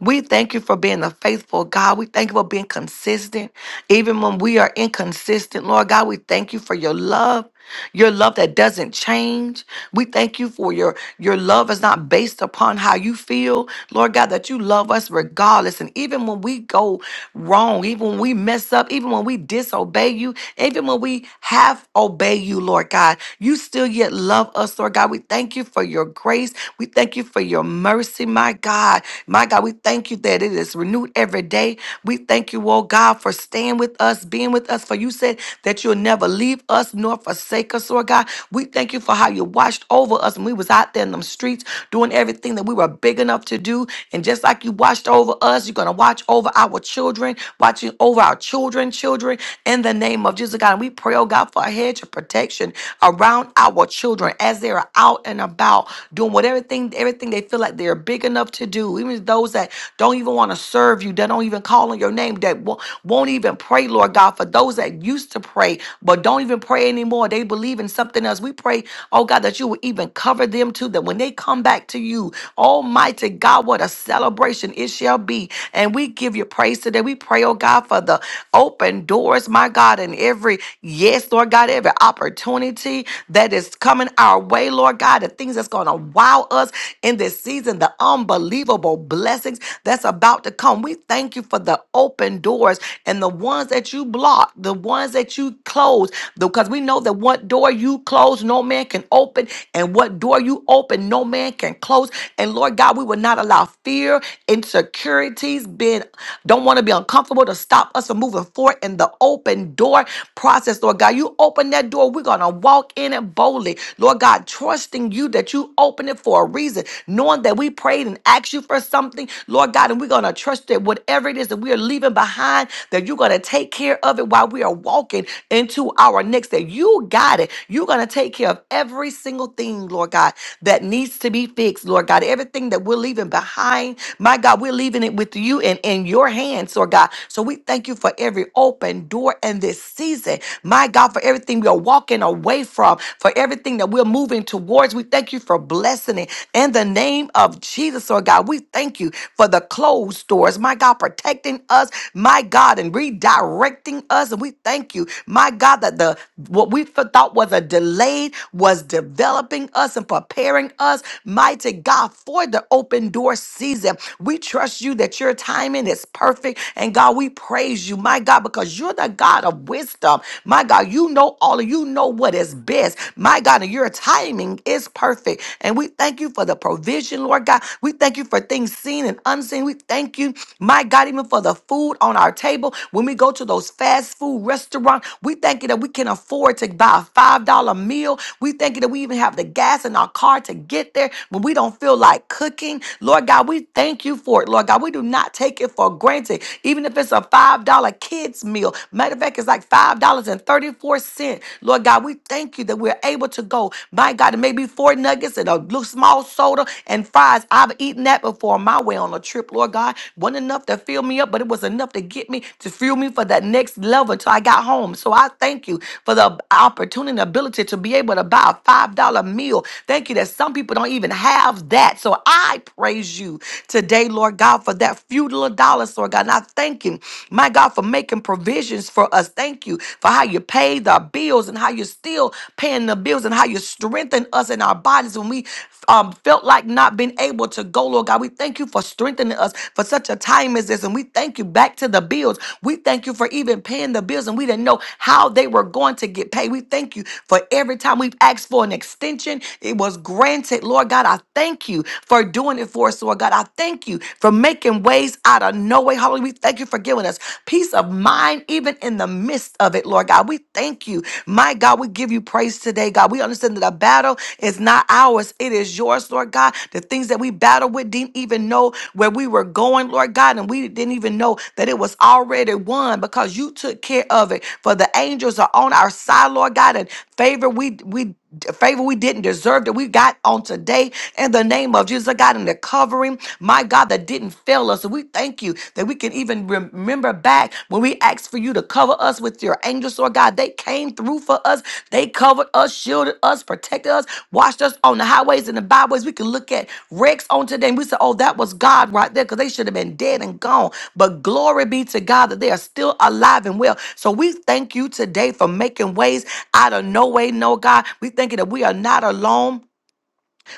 We thank you for being a faithful God. We thank you for being consistent. Even when we are inconsistent, Lord God, we thank you for your love your love that doesn't change. We thank you for your your love is not based upon how you feel, Lord God, that you love us regardless. And even when we go wrong, even when we mess up, even when we disobey you, even when we half obey you, Lord God, you still yet love us, Lord God. We thank you for your grace. We thank you for your mercy, my God. My God, we thank you that it is renewed every day. We thank you, oh God, for staying with us, being with us. For you said that you'll never leave us nor forsake forsake us, Lord God. We thank you for how you watched over us when we was out there in them streets doing everything that we were big enough to do. And just like you watched over us, you're going to watch over our children, watching over our children, children, in the name of Jesus, God. And we pray, oh God, for a hedge of protection around our children as they are out and about doing whatever thing, everything they feel like they're big enough to do. Even those that don't even want to serve you, that don't even call on your name, that wo- won't even pray, Lord God, for those that used to pray but don't even pray anymore. They they believe in something else. We pray, oh God, that you will even cover them too, that when they come back to you, Almighty God, what a celebration it shall be. And we give you praise today. We pray, oh God, for the open doors, my God, and every yes, Lord God, every opportunity that is coming our way, Lord God, the things that's going to wow us in this season, the unbelievable blessings that's about to come. We thank you for the open doors and the ones that you block, the ones that you close, because we know that one what door you close, no man can open, and what door you open, no man can close. And Lord God, we will not allow fear, insecurities, being don't want to be uncomfortable to stop us from moving forward in the open door process, Lord God. You open that door, we're gonna walk in it boldly, Lord God, trusting you that you open it for a reason, knowing that we prayed and asked you for something, Lord God, and we're gonna trust that whatever it is that we are leaving behind, that you're gonna take care of it while we are walking into our next. That you got it. You're going to take care of every single thing, Lord God, that needs to be fixed, Lord God. Everything that we're leaving behind, my God, we're leaving it with you and in your hands, Lord God. So we thank you for every open door in this season, my God, for everything we are walking away from, for everything that we're moving towards. We thank you for blessing it in the name of Jesus, Lord God. We thank you for the closed doors, my God, protecting us, my God, and redirecting us. And we thank you, my God, that the what we thought was a delayed, was developing us and preparing us, mighty God, for the open door season. We trust you that your timing is perfect. And God, we praise you, my God, because you're the God of wisdom. My God, you know all of you know what is best. My God, and your timing is perfect. And we thank you for the provision, Lord God. We thank you for things seen and unseen. We thank you, my God, even for the food on our table. When we go to those fast food restaurants, we thank you that we can afford to buy buy a $5 meal. We thank you that we even have the gas in our car to get there when we don't feel like cooking. Lord God, we thank you for it. Lord God, we do not take it for granted. Even if it's a $5 kids meal. Matter of fact, it's like $5.34. Lord God, we thank you that we're able to go. My God, it may be four nuggets and a little small soda and fries. I've eaten that before on my way on a trip, Lord God. Wasn't enough to fill me up, but it was enough to get me to fuel me for that next level until I got home. So I thank you for the opportunity and ability to be able to buy a $5 meal. Thank you that some people don't even have that. So I praise you today, Lord God, for that few little dollars, Lord God. And I thank you, my God, for making provisions for us. Thank you for how you paid our bills and how you're still paying the bills and how you strengthen us in our bodies when we um, felt like not being able to go, Lord God. We thank you for strengthening us for such a time as this. And we thank you back to the bills. We thank you for even paying the bills and we didn't know how they were going to get paid. We we thank you for every time we've asked for an extension, it was granted. Lord God, I thank you for doing it for us, Lord God. I thank you for making ways out of no way. Hallelujah. We thank you for giving us peace of mind, even in the midst of it, Lord God. We thank you. My God, we give you praise today, God. We understand that the battle is not ours, it is yours, Lord God. The things that we battled with didn't even know where we were going, Lord God, and we didn't even know that it was already won because you took care of it. For the angels are on our side, Lord God. Lord God, and favor we we favor we didn't deserve that we got on today in the name of Jesus, God, and the covering, my God, that didn't fail us. So we thank you that we can even rem- remember back when we asked for you to cover us with your angels, Lord God. They came through for us. They covered us, shielded us, protected us, watched us on the highways and the byways. We can look at wrecks on today and we say, oh, that was God right there because they should have been dead and gone. But glory be to God that they are still alive and well. So we thank you today for making ways out of no way, no God. We thank you that we are not alone.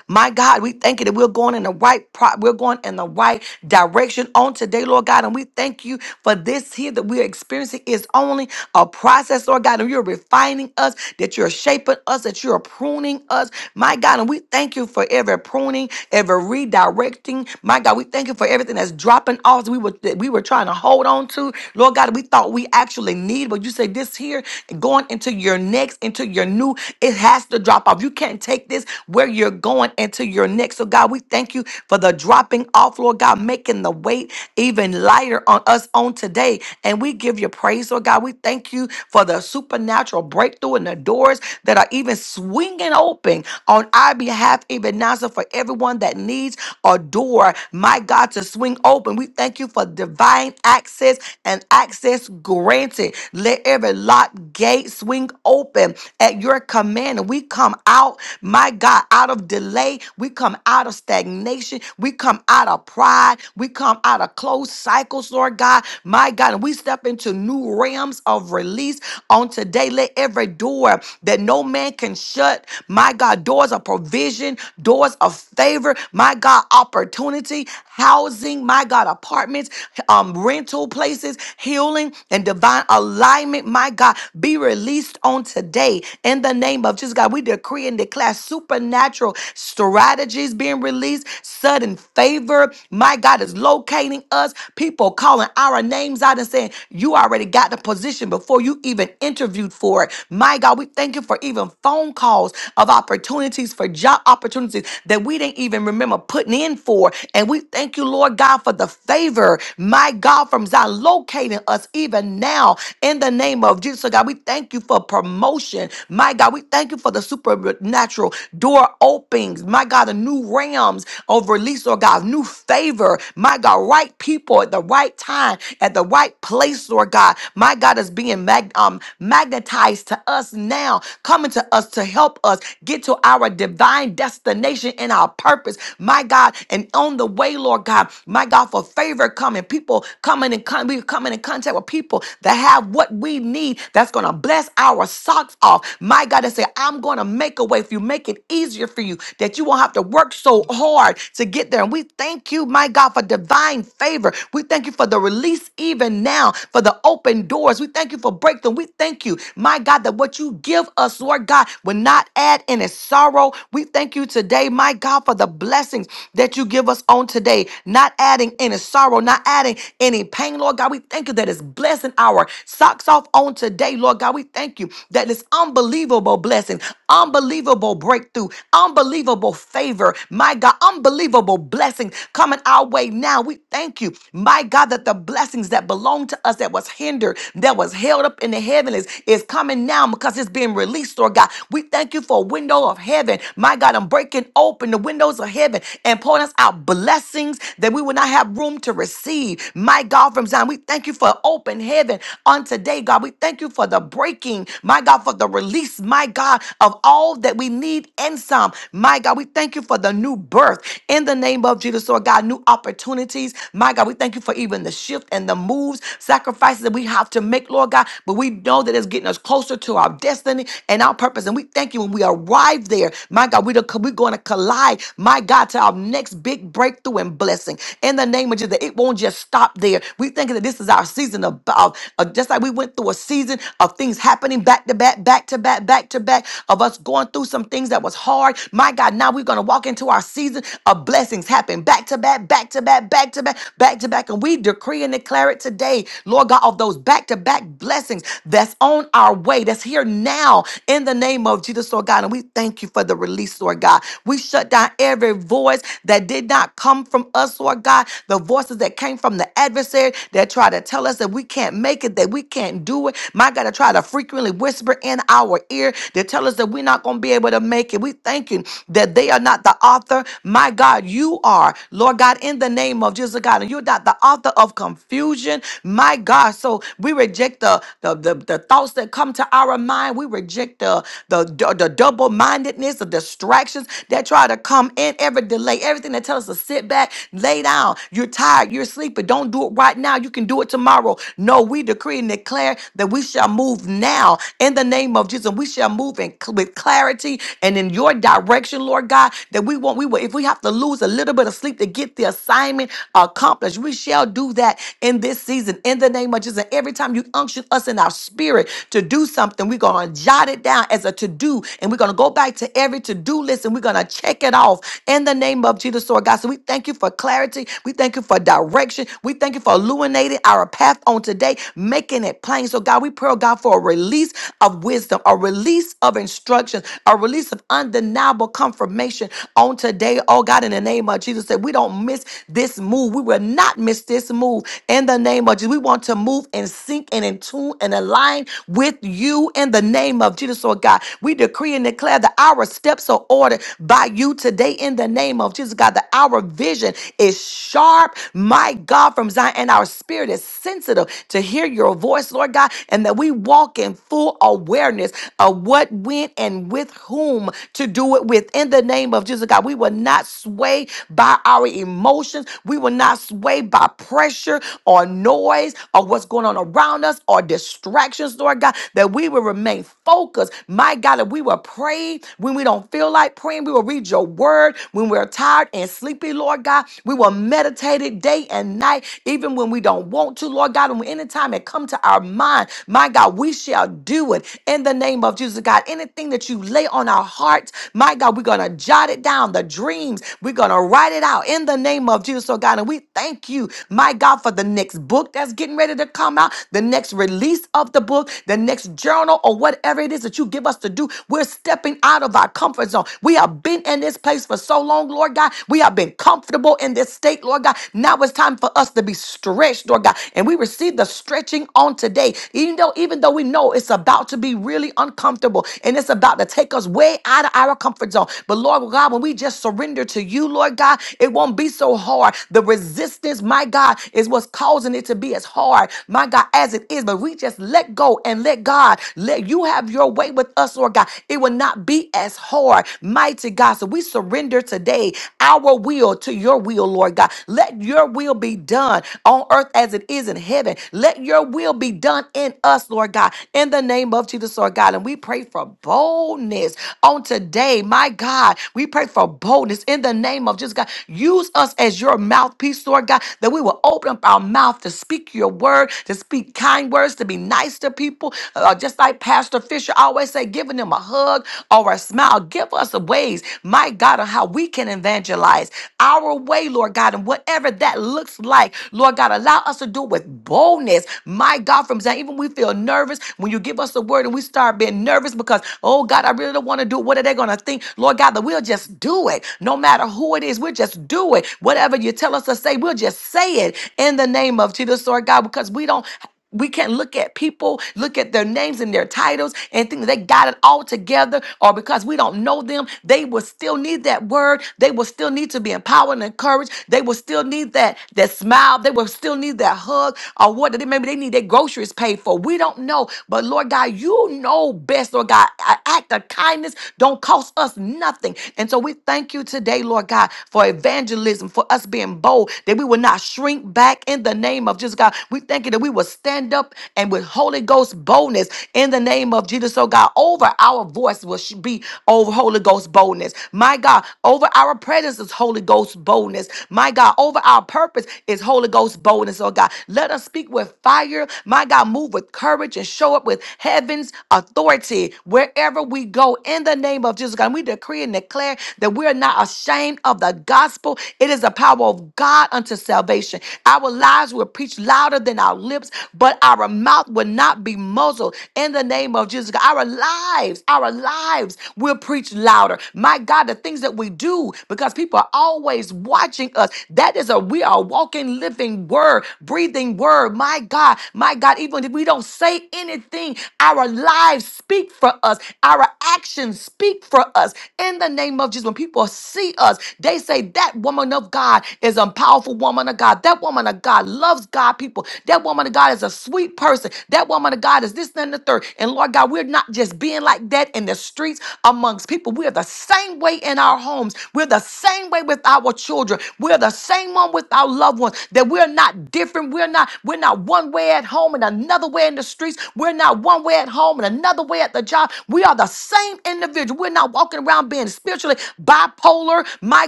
My God, we thank you that we're going in the right pro- we're going in the right direction on today, Lord God. And we thank you for this here that we're experiencing is only a process, Lord God. And you're refining us, that you're shaping us, that you're pruning us, my God. And we thank you for every pruning, every redirecting, my God. We thank you for everything that's dropping off that we were that we were trying to hold on to, Lord God. We thought we actually need, but you say this here going into your next, into your new, it has to drop off. You can't take this where you're going into your next. So, God, we thank you for the dropping off, Lord God, making the weight even lighter on us on today. And we give you praise, Lord God. We thank you for the supernatural breakthrough and the doors that are even swinging open on our behalf, even now. So, for everyone that needs a door, my God, to swing open, we thank you for divine access and access granted. Let every locked gate swing open at your command. And we come out out, my God, out of delay. We come out of stagnation. We come out of pride. We come out of closed cycles, Lord God, my God. And we step into new realms of release on today. Let every door that no man can shut, my God, doors of provision, doors of favor, my God, opportunity, housing, my God, apartments, um, rental places, healing, and divine alignment, my God, be released on today in the name of Jesus nations, God. We decree and declare supernatural strategies being released, sudden favor. My God is locating us. People calling our names out and saying, You already got the position before you even interviewed for it. My God, we thank you for even phone calls of opportunities for job opportunities that we didn't even remember putting in for. And we thank you, Lord God, for the favor, my God, from Zion locating us even now in the name of Jesus. So God, we thank you for promotion. My God, we thank you for the supernatural door openings. My God, the new realms of release, Lord God, new favor. My God, right people at the right time, at the right place, Lord God. My God is being mag- um, magnetized to us now, coming to us to help us get to our divine destination and our purpose. My God, and on the way, Lord God, my God, for favor coming, people coming and con- we coming in contact with people that have what we need that's going to bless our socks off. My God, and say, I'm going to make a way for you, make it easier for you that you won't have to work so hard to get there. And we thank you, my God, for divine favor. We thank you for the release even now, for the open doors. We thank you for breakthrough. We thank you, my God, that what you give us, Lord God, will not add any sorrow. We thank you today, my God, for the blessings that you give us on today, not adding any sorrow, not adding any pain, Lord God. We thank you that it's blessing our socks off on today, Lord. Lord God, we thank you that this unbelievable blessing, unbelievable breakthrough, unbelievable favor, my God, unbelievable blessing coming our way now. We thank you, my God, that the blessings that belong to us that was hindered, that was held up in the heavens is coming now because it's being released, Lord God. We thank you for a window of heaven. My God, I'm breaking open the windows of heaven and pouring us out blessings that we will not have room to receive. My God, from Zion, we thank you for open heaven on today, God. God. We thank you for the breaking, my God, for the release, my God, of all that we need and some. My God, we thank you for the new birth in the name of Jesus, Lord God, new opportunities. My God, we thank you for even the shift and the moves, sacrifices that we have to make, Lord God. But we know that it's getting us closer to our destiny and our purpose. And we thank you when we arrive there, my God, we don't- we're going to collide, my God, to our next big breakthrough and blessing. In the name of Jesus, that it won't just stop there. We thinking that this is our season of, of, uh, just like we went through a season of things happening back to back, back to back, back to back, of us going through some things that was hard. My God, now we're going to walk into our season of blessings happen back to back, back to back, back to back, back to back. And we decree and declare it today, Lord God, of those back to back blessings that's on our way, that's here now in the name of Jesus, Lord God. And we thank you for the release, Lord God. We shut down every voice that did not come from us, Lord God, the voices that came from the adversary that tried to tell us that that we can't make it, that we can't do it. My God, I try to frequently whisper in our ear to tell us that we're not going to be able to make it. We thank you that they are not the author. My God, you are, Lord God, in the name of Jesus, God, and you're not the author of confusion. My God, so we reject the the, the, the thoughts that come to our mind. We reject the the, the double mindedness, the distractions that try to come in, every delay, everything that tells us to sit back, lay down. You're tired, you're sleepy. Don't do it right now. You you can do it tomorrow. No, we decree and declare that we shall move now in the name of Jesus. We shall move in cl- with clarity and in your direction, Lord God. That we won't. We will. If we have to lose a little bit of sleep to get the assignment accomplished, we shall do that in this season in the name of Jesus. And every time you unction us in our spirit to do something, we're gonna jot it down as a to do, and we're gonna go back to every to do list and we're gonna check it off in the name of Jesus, Lord God. So we thank you for clarity. We thank you for direction. We thank you for illuminating our path on today, making it plain. So, God, we pray, oh God, for a release of wisdom, a release of instructions, a release of undeniable confirmation on today, oh God, in the name of Jesus, that we don't miss this move. We will not miss this move in the name of Jesus. We want to move and sync and in tune and align with you in the name of Jesus, oh God. We decree and declare that our steps are ordered by you today in the name of Jesus, God, that our vision is sharp. My God, from Zion, and our spirit is sensitive to hear your voice, Lord God, and that we walk in full awareness of what when, and with whom to do it with. In the name of Jesus, God, we will not sway by our emotions. We will not sway by pressure or noise or what's going on around us or distractions, Lord God, that we will remain focused. My God, that we will pray when we don't feel like praying. We will read your word when we're tired and sleepy, Lord God. We will will meditate it day and night, even when we don't want to, Lord God. And anytime it come to our mind, my God, we shall do it in the name of Jesus, God. Anything that you lay on our hearts, my God, we're gonna jot it down. The dreams, we're gonna write it out in the name of Jesus, oh God. And we thank you, my God, for the next book that's getting ready to come out, the next release of the book, the next journal, or whatever it is that you give us to do. We're stepping out of our comfort zone. We have been in this place for so long, Lord God. We have been comfortable comfortable in this state, Lord God. Now it's time for us to be stretched, Lord God. And we receive the stretching on today, even though, even though we know it's about to be really uncomfortable and it's about to take us way out of our comfort zone. But Lord God, when we just surrender to you, Lord God, it won't be so hard. The resistance, my God, is what's causing it to be as hard, my God, as it is. But we just let go and let God let you have your way with us, Lord God. It will not be as hard, mighty God. So we surrender today our will to your will, Lord God. Let your will be done on earth as it is in heaven. Let your will be done in us, Lord God, in the name of Jesus, Lord God. And we pray for boldness on today, my God. We pray for boldness in the name of Jesus, God. Use us as your mouthpiece, Lord God, that we will open up our mouth to speak your word, to speak kind words, to be nice to people. Uh, just like Pastor Fisher always say, giving them a hug or a smile. Give us ways, my God, on how how we can evangelize our way, Lord God, and whatever that looks like, Lord God, allow us to do it with boldness. My God, from Zion, even we feel nervous when you give us the word and we start being nervous because, oh God, I really don't want to do it. What are they going to think? Lord God, that we'll just do it. No matter who it is, we'll just do it. Whatever you tell us to say, we'll just say it in the name of Jesus, Lord God, because we don't we can't look at people, look at their names and their titles, and think that they got it all together, or because we don't know them, they will still need that word. They will still need to be empowered and encouraged. They will still need that that smile. They will still need that hug, or what? They maybe they need their groceries paid for. We don't know, but Lord God, you know best, Lord God. An act of kindness don't cost us nothing, and so we thank you today, Lord God, for advancing evangelism, for us being bold, that we will not shrink back in the name of Jesus, God. We thank you that we will stand up and with Holy Ghost boldness in the name of Jesus, oh God, over our voice will sh- be over Holy Ghost boldness. My God, over our presence is Holy Ghost boldness. My God, over our purpose is Holy Ghost boldness, oh God. Let us speak with fire. My God, move with courage and show up with heaven's authority wherever wherever we go in the name of Jesus God. And we decree and declare that we are not ashamed of the gospel. It is the power of God unto salvation. Our lives will preach louder than our lips, but our mouth will not be muzzled in the name of Jesus God. Our lives, our lives will preach louder. My God, the things that we do because people are always watching us. That is a we are a walking, living word, breathing word word. My God, my God, even if we don't say anything, our lives speak for us, our actions speak for us. In the name of Jesus, when people see us, they say, That woman of God is a powerful woman of God. That woman of God loves God people. That woman of God is a sweet person. That woman of God is this, that, and the third. And Lord God, we're not just being like that in the streets amongst people. We are the same way in our homes. We're the same same way with our children. We're the same one with our loved ones. That we're not different. We're not, we're not one way at home and another way in the streets. We're not one way at home and another way at the job. We are the same individual. We're not walking around being spiritually bipolar, my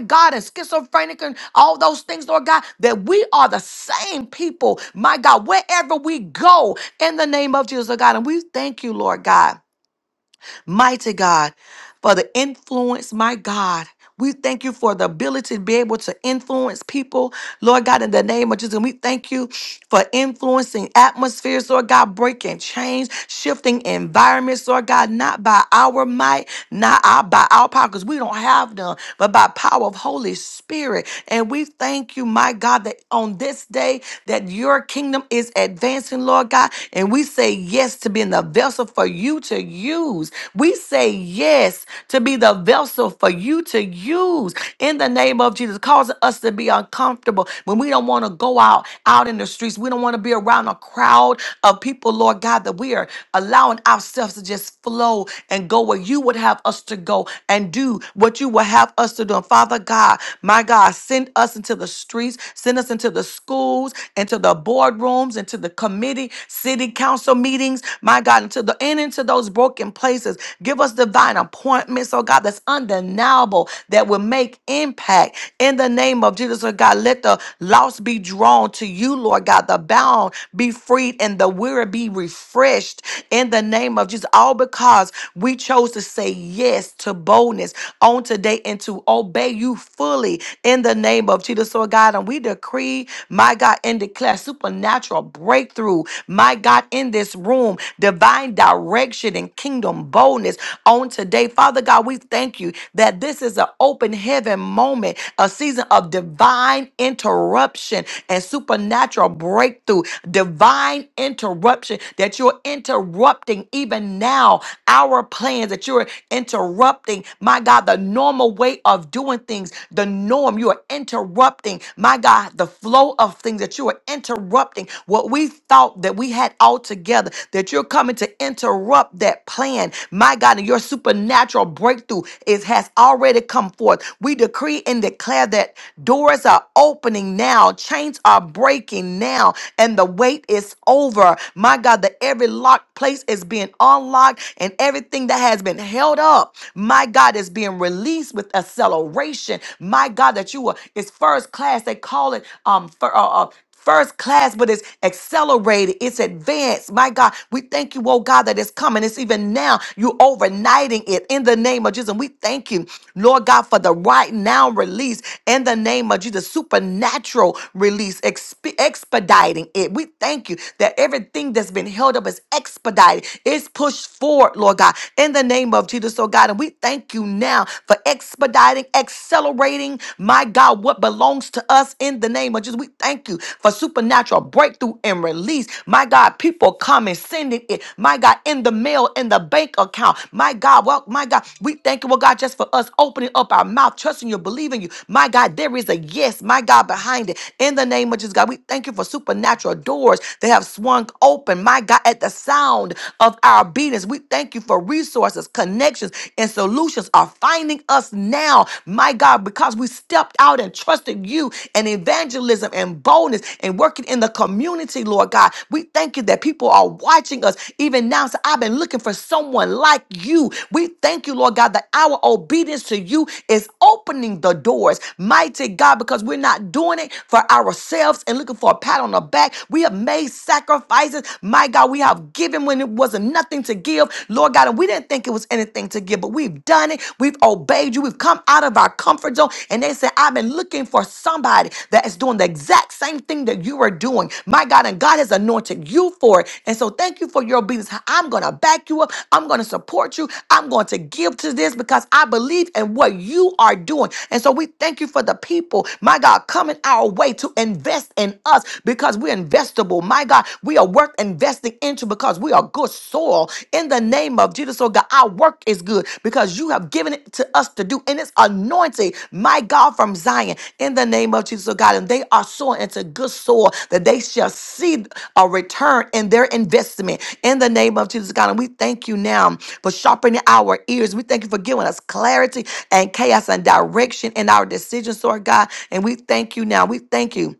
God, and schizophrenic and all those things, Lord God, that we are the same people, my God, wherever we go in the name of Jesus, Lord God. And we thank you, Lord God. Mighty God, for the influence, my God. We thank you for the ability to be able to influence people, Lord God, in the name of Jesus. And we thank you for influencing atmospheres, Lord God, breaking change, shifting environments, Lord God, not by our might, not our, by our power, because we don't have them, but by power of Holy Spirit. And we thank you, my God, that on this day that your kingdom is advancing, Lord God, and we say yes to being and the vessel for you to use. We say yes to be the vessel for you to use in the name of Jesus, causing us to be uncomfortable when we don't want to go out out in the streets. We don't want to be around a crowd of people, Lord God, that we are allowing ourselves to just flow and go where you would have us to go and do what you would have us to do. And Father God, my God, send us into the streets, send us into the schools, into the boardrooms, into the communities committee, city council meetings, my God, into the and into those broken places. Give us divine appointments, oh God, that's undeniable that will make impact in the name of Jesus, oh God. Let the lost be drawn to you, Lord God, the bound be freed and the weary be refreshed in the name of Jesus. All because we chose to say yes to boldness on today and to obey you fully in the name of Jesus, oh God. And we decree, my God. God, and declare supernatural breakthrough, my God, in this room, divine direction and kingdom boldness on today. Father God, we thank you that this is an open heaven moment, a season of divine interruption and supernatural breakthrough, divine interruption that you're interrupting even now our plans, that you're interrupting, my God, the normal way of doing things, the norm. You are interrupting interrupting, my God, the flow of things, that you are interrupting what we thought that we had all together, that you're coming to interrupt that plan. My God, and your supernatural breakthrough is has already come forth. We decree and declare that doors are opening now, chains are breaking now, and the wait is over. My God, that every locked place is being unlocked and everything that has been held up, my God, is being released with acceleration restoration. My God, that you are it's first class. They call it um for uh, uh, first class, but it's accelerated, it's advanced. My God, we thank you, oh God, that it's coming. It's even now. you overnighting it in the name of Jesus. And we thank you, Lord God, for the right now release in the name of Jesus, supernatural release, exp- expediting it. We thank you that everything that's been held up is expedited, it's pushed forward, Lord God, in the name of Jesus, oh God. And we we thank you now for expediting, accelerating, my God, what belongs to us in the name of Jesus. We thank you for supernatural breakthrough and release. My God, people coming, sending it, my God, in the mail, in the bank account. My God, well, my God, we thank you, well, God, just for us opening up our mouth, trusting you, believing you. My God, there is a yes, my God, behind it. In the name of Jesus, God, we thank you for supernatural doors that have swung open, my God, at the sound of our obedience. We thank you thank you for resources, connections, and solutions are finding us now, my God, because we stepped out and trusted you and evangelism and boldness and working in the community, Lord God. We thank you that people are watching us even now. So I've been looking for someone like you. We thank you, Lord God, that our obedience to you is opening the doors, mighty God, because we're not doing it for ourselves and looking for a pat on the back. We have made sacrifices, my God. We have have given when it wasn't nothing to give, Lord God. And we didn't think it was anything to give, but we've done it. We've obeyed you. We've come out of our comfort zone. And they said, I've been looking for somebody that is doing the exact same thing that you are doing. My God, and God has anointed you for it. And so thank you for your obedience. I'm going to back you up. I'm going to support you. I'm going to give to this because I believe in what you are doing. And so we thank you for the people, my God, coming our way to invest in us because we're investable vegetable. My God, we are worth investing into because we are good soil in the name of Jesus. Oh God, our work is good because you have given it to us to do, and it's anointed, my God, from Zion in the name of Jesus. Oh God, and they are sowing into good soil that they shall see a return in their investment in the name of Jesus. God, and we thank you now for sharpening our ears. We thank you for giving us clarity and chaos and direction in our decisions, Lord God. And we thank you now. We thank you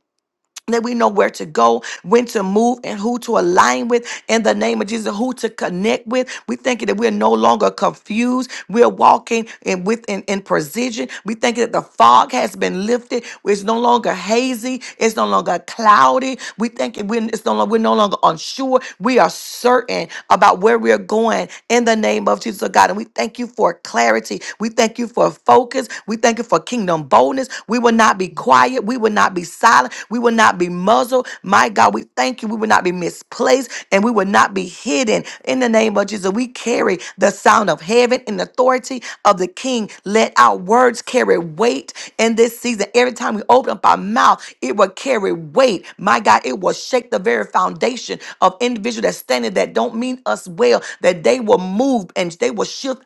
that we know where to go, when to move, and who to align with in the name of Jesus, who to connect with. We thank you that we're no longer confused. We're walking in within in precision. We thank you that the fog has been lifted. It's no longer hazy. It's no longer cloudy. We thank you we're, it's no, lo- we're no longer unsure. We are certain about where we're going in the name of Jesus, oh God. And we thank you for clarity. We thank you for focus. We thank you for kingdom boldness boldness. We will not be quiet. We will not be silent. We will not be muzzled. My God, we thank you. We will not be misplaced and we will not be hidden. In the name of Jesus, we carry the sound of heaven and authority of the King. Let our words carry weight in this season. Every time we open up our mouth, it will carry weight. My God, it will shake the very foundation of individuals that standing that don't mean us well, that they will move and they will shift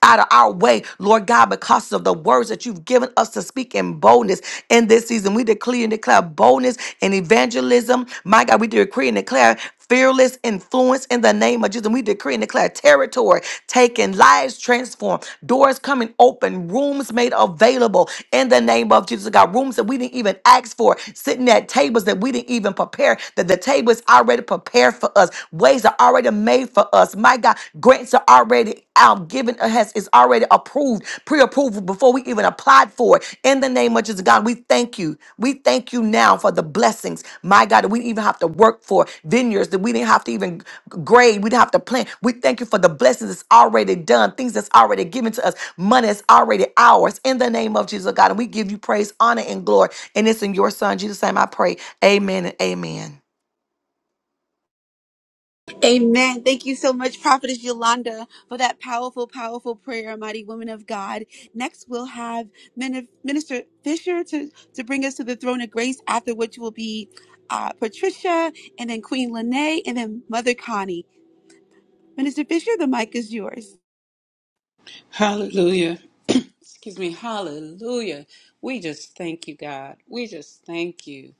out of our way, Lord God, because of the words that you've given us to speak in boldness in this season. We declare and declare boldness and evangelism. My God, we decree and declare fearless influence in the name of Jesus. And we decree and declare territory taken, lives transformed, doors coming open, rooms made available in the name of Jesus. God, rooms that we didn't even ask for, sitting at tables that we didn't even prepare, that the table is already prepared for us, ways are already made made for us. My God, grants are already out, given uh, has is already approved, pre-approved before we even applied for it. In the name of Jesus, God, we thank you. We thank you now for the blessings, my God, that we didn't even have to work for vineyards that we didn't have to even grade, we didn't have to plant. We thank you for the blessings that's already done, things that's already given to us, money that's already ours. In the name of Jesus, God, and we give you praise, honor, and glory. And it's in your Son Jesus' name I pray. Amen and amen. Amen. Thank you so much, Prophetess Yolanda, for that powerful, powerful prayer, mighty woman of God. Next, we'll have Min- Minister Fisher to, to bring us to the throne of grace, after which will be uh, Patricia, and then Queen Lene, and then Mother Connie. Minister Fisher, the mic is yours. Hallelujah. Excuse me. Hallelujah. We just thank you, God. We just thank you.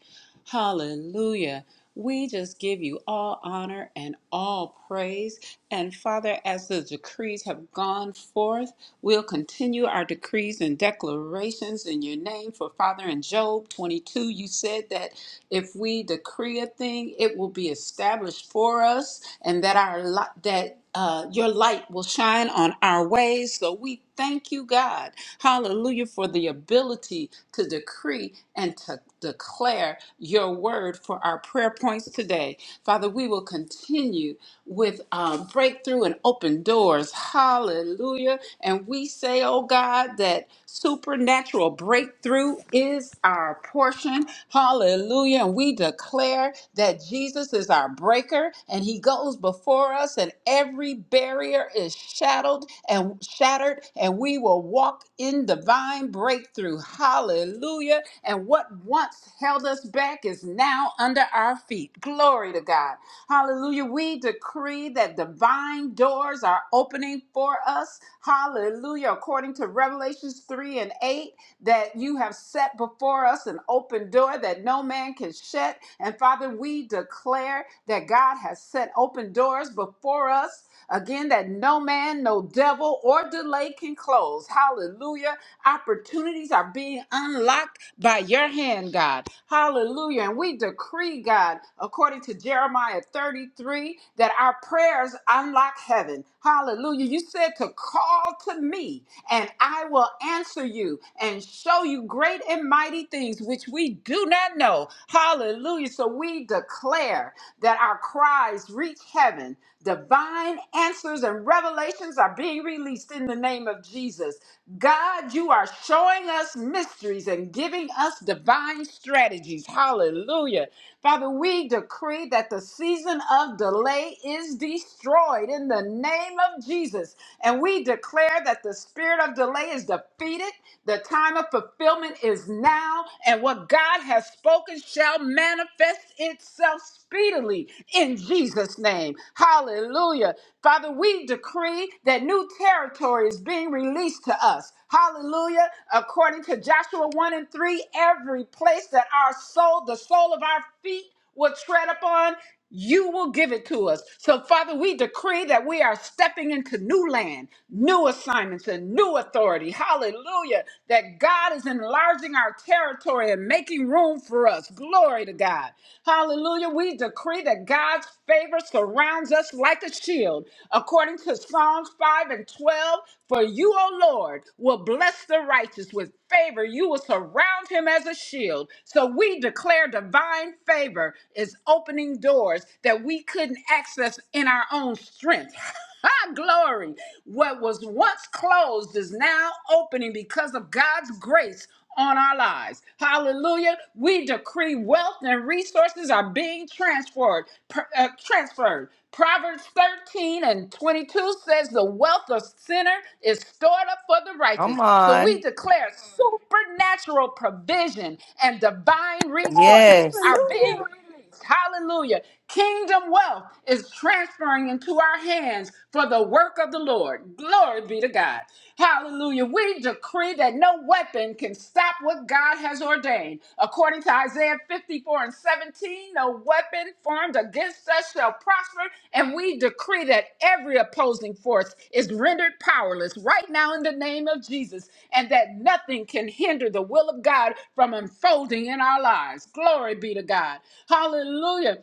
Hallelujah. We just give you all honor and all praise. And Father, as the decrees have gone forth, we'll continue our decrees and declarations in your name. For Father, in Job 22, you said that. If we decree a thing, it will be established for us, and that our li- that uh, your light will shine on our ways. So we thank you, God, Hallelujah, for the ability to decree and to declare your word for our prayer points today, Father. We will continue with uh, breakthrough and open doors, Hallelujah. And we say, oh God, that supernatural breakthrough is our portion Hallelujah. And we declare that Jesus is our breaker and he goes before us and every barrier is shattered and shattered and we will walk in divine breakthrough. Hallelujah. And what once held us back is now under our feet. Glory to God. Hallelujah. We decree that divine doors are opening for us. Hallelujah. According to Revelations 3 and 8, that you have set before us an open door that no man can shut. And Father, we declare that God has set open doors before us again that no man, no devil, or delay can close. Hallelujah. Opportunities are being unlocked by your hand, God. Hallelujah. And we decree, God, according to Jeremiah 33, that our prayers unlock heaven. Hallelujah. You said to call to me and I will answer you and show you great and mighty things which we do not know. Hallelujah. So we declare that our cries reach heaven. Divine answers and revelations are being released in the name of Jesus. God, you are showing us mysteries and giving us divine strategies. Hallelujah. Father, we decree that the season of delay is destroyed in the name of Jesus. And we declare that the spirit of delay is defeated. The time of fulfillment is now. And what God has spoken shall manifest itself speedily in Jesus' name. Hallelujah. Hallelujah. Father, we decree that new territory is being released to us. Hallelujah. According to Joshua 1 and 3, every place that our soul, the sole of our feet, will tread upon, you will give it to us. So, Father, we decree that we are stepping into new land, new assignments, and new authority. Hallelujah. That God is enlarging our territory and making room for us. Glory to God. God. Hallelujah. We decree that God's favor surrounds us like a shield. According to Psalms 5 and 12, for you, O Lord, will bless the righteous with favor. You will surround him as a shield. So we declare divine favor is opening doors that we couldn't access in our own strength. Ah, glory. What was once closed is now opening because of God's grace on our lives. Hallelujah. We decree wealth and resources are being transferred. per- uh, transferred. Proverbs 13 and 22 says the wealth of sinner is stored up for the Come righteous. So on. we declare supernatural provision and divine resources Yes. are being released Hallelujah. Kingdom wealth is transferring into our hands for the work of the Lord. Glory be to God. Hallelujah. We decree that no weapon can stop what God has ordained. According to Isaiah 54 and 17, No weapon formed against us shall prosper, and we decree that every opposing force is rendered powerless right now in the name of Jesus, and that nothing can hinder the will of God from unfolding in our lives. Glory be to God. Hallelujah.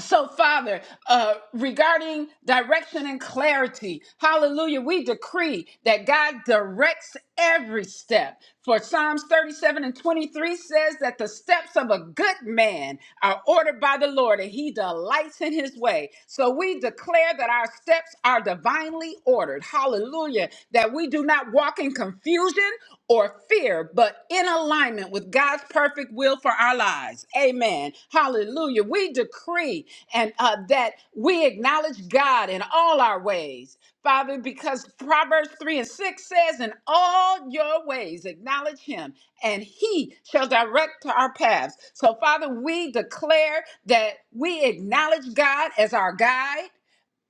So, Father, uh, regarding direction and clarity, hallelujah, we decree that God directs every step. For Psalms 37 and 23 says that the steps of a good man are ordered by the Lord and he delights in his way. So we declare that our steps are divinely ordered. Hallelujah. That we do not walk in confusion or fear, but in alignment with God's perfect will for our lives. Amen. Hallelujah. We decree and uh, that we acknowledge God in all our ways. Father, because Proverbs 3 and 6 says, In all your ways acknowledge him, and he shall direct our paths. So, Father, we declare that we acknowledge God as our guide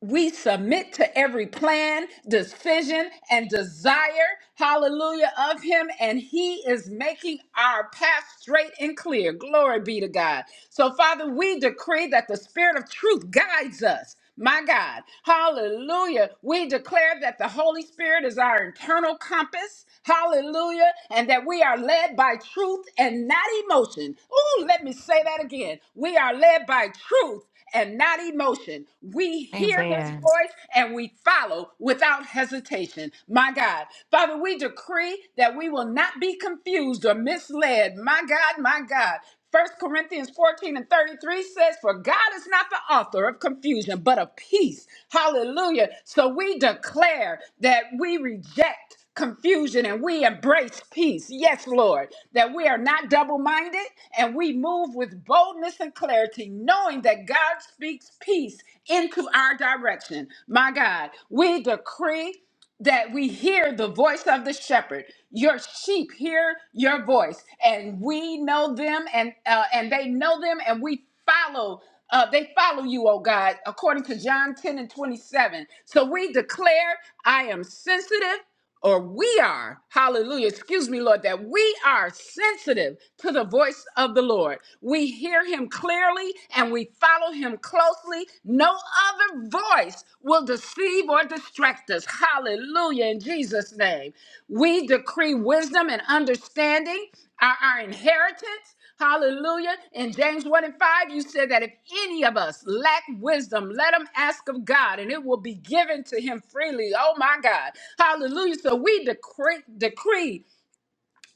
we submit to every plan, decision, and desire, hallelujah, of Him, and He is making our path straight and clear. Glory be to God. So, Father, we decree that the Spirit of truth guides us. My God, hallelujah. We declare that the Holy Spirit is our internal compass, hallelujah, and that we are led by truth and not emotion. Ooh, let me say that again. We are led by truth and not emotion. We hear his voice and we follow without hesitation. My God. Father, we decree that we will not be confused or misled. My God, my God. First Corinthians 14 and 33 says, For God is not the author of confusion, but of peace. Hallelujah. So we declare that we reject confusion and we embrace peace. Yes, Lord, that we are not double minded and we move with boldness and clarity, knowing that God speaks peace into our direction. My God, we decree that we hear the voice of the shepherd. Your sheep hear your voice, and we know them, and uh, and they know them, and we follow. Uh, they follow you, oh God, according to John 10 and 27. So we declare, I am sensitive, or we are, hallelujah, excuse me, Lord, that we are sensitive to the voice of the Lord. We hear him clearly and we follow him closely. No other voice will deceive or distract us. Hallelujah, in Jesus' name. We decree wisdom and understanding are our inheritance. Hallelujah. In James 1 and 5, you said that if any of us lack wisdom, let him ask of God and it will be given to him freely. Oh my God. Hallelujah. So we decree, decree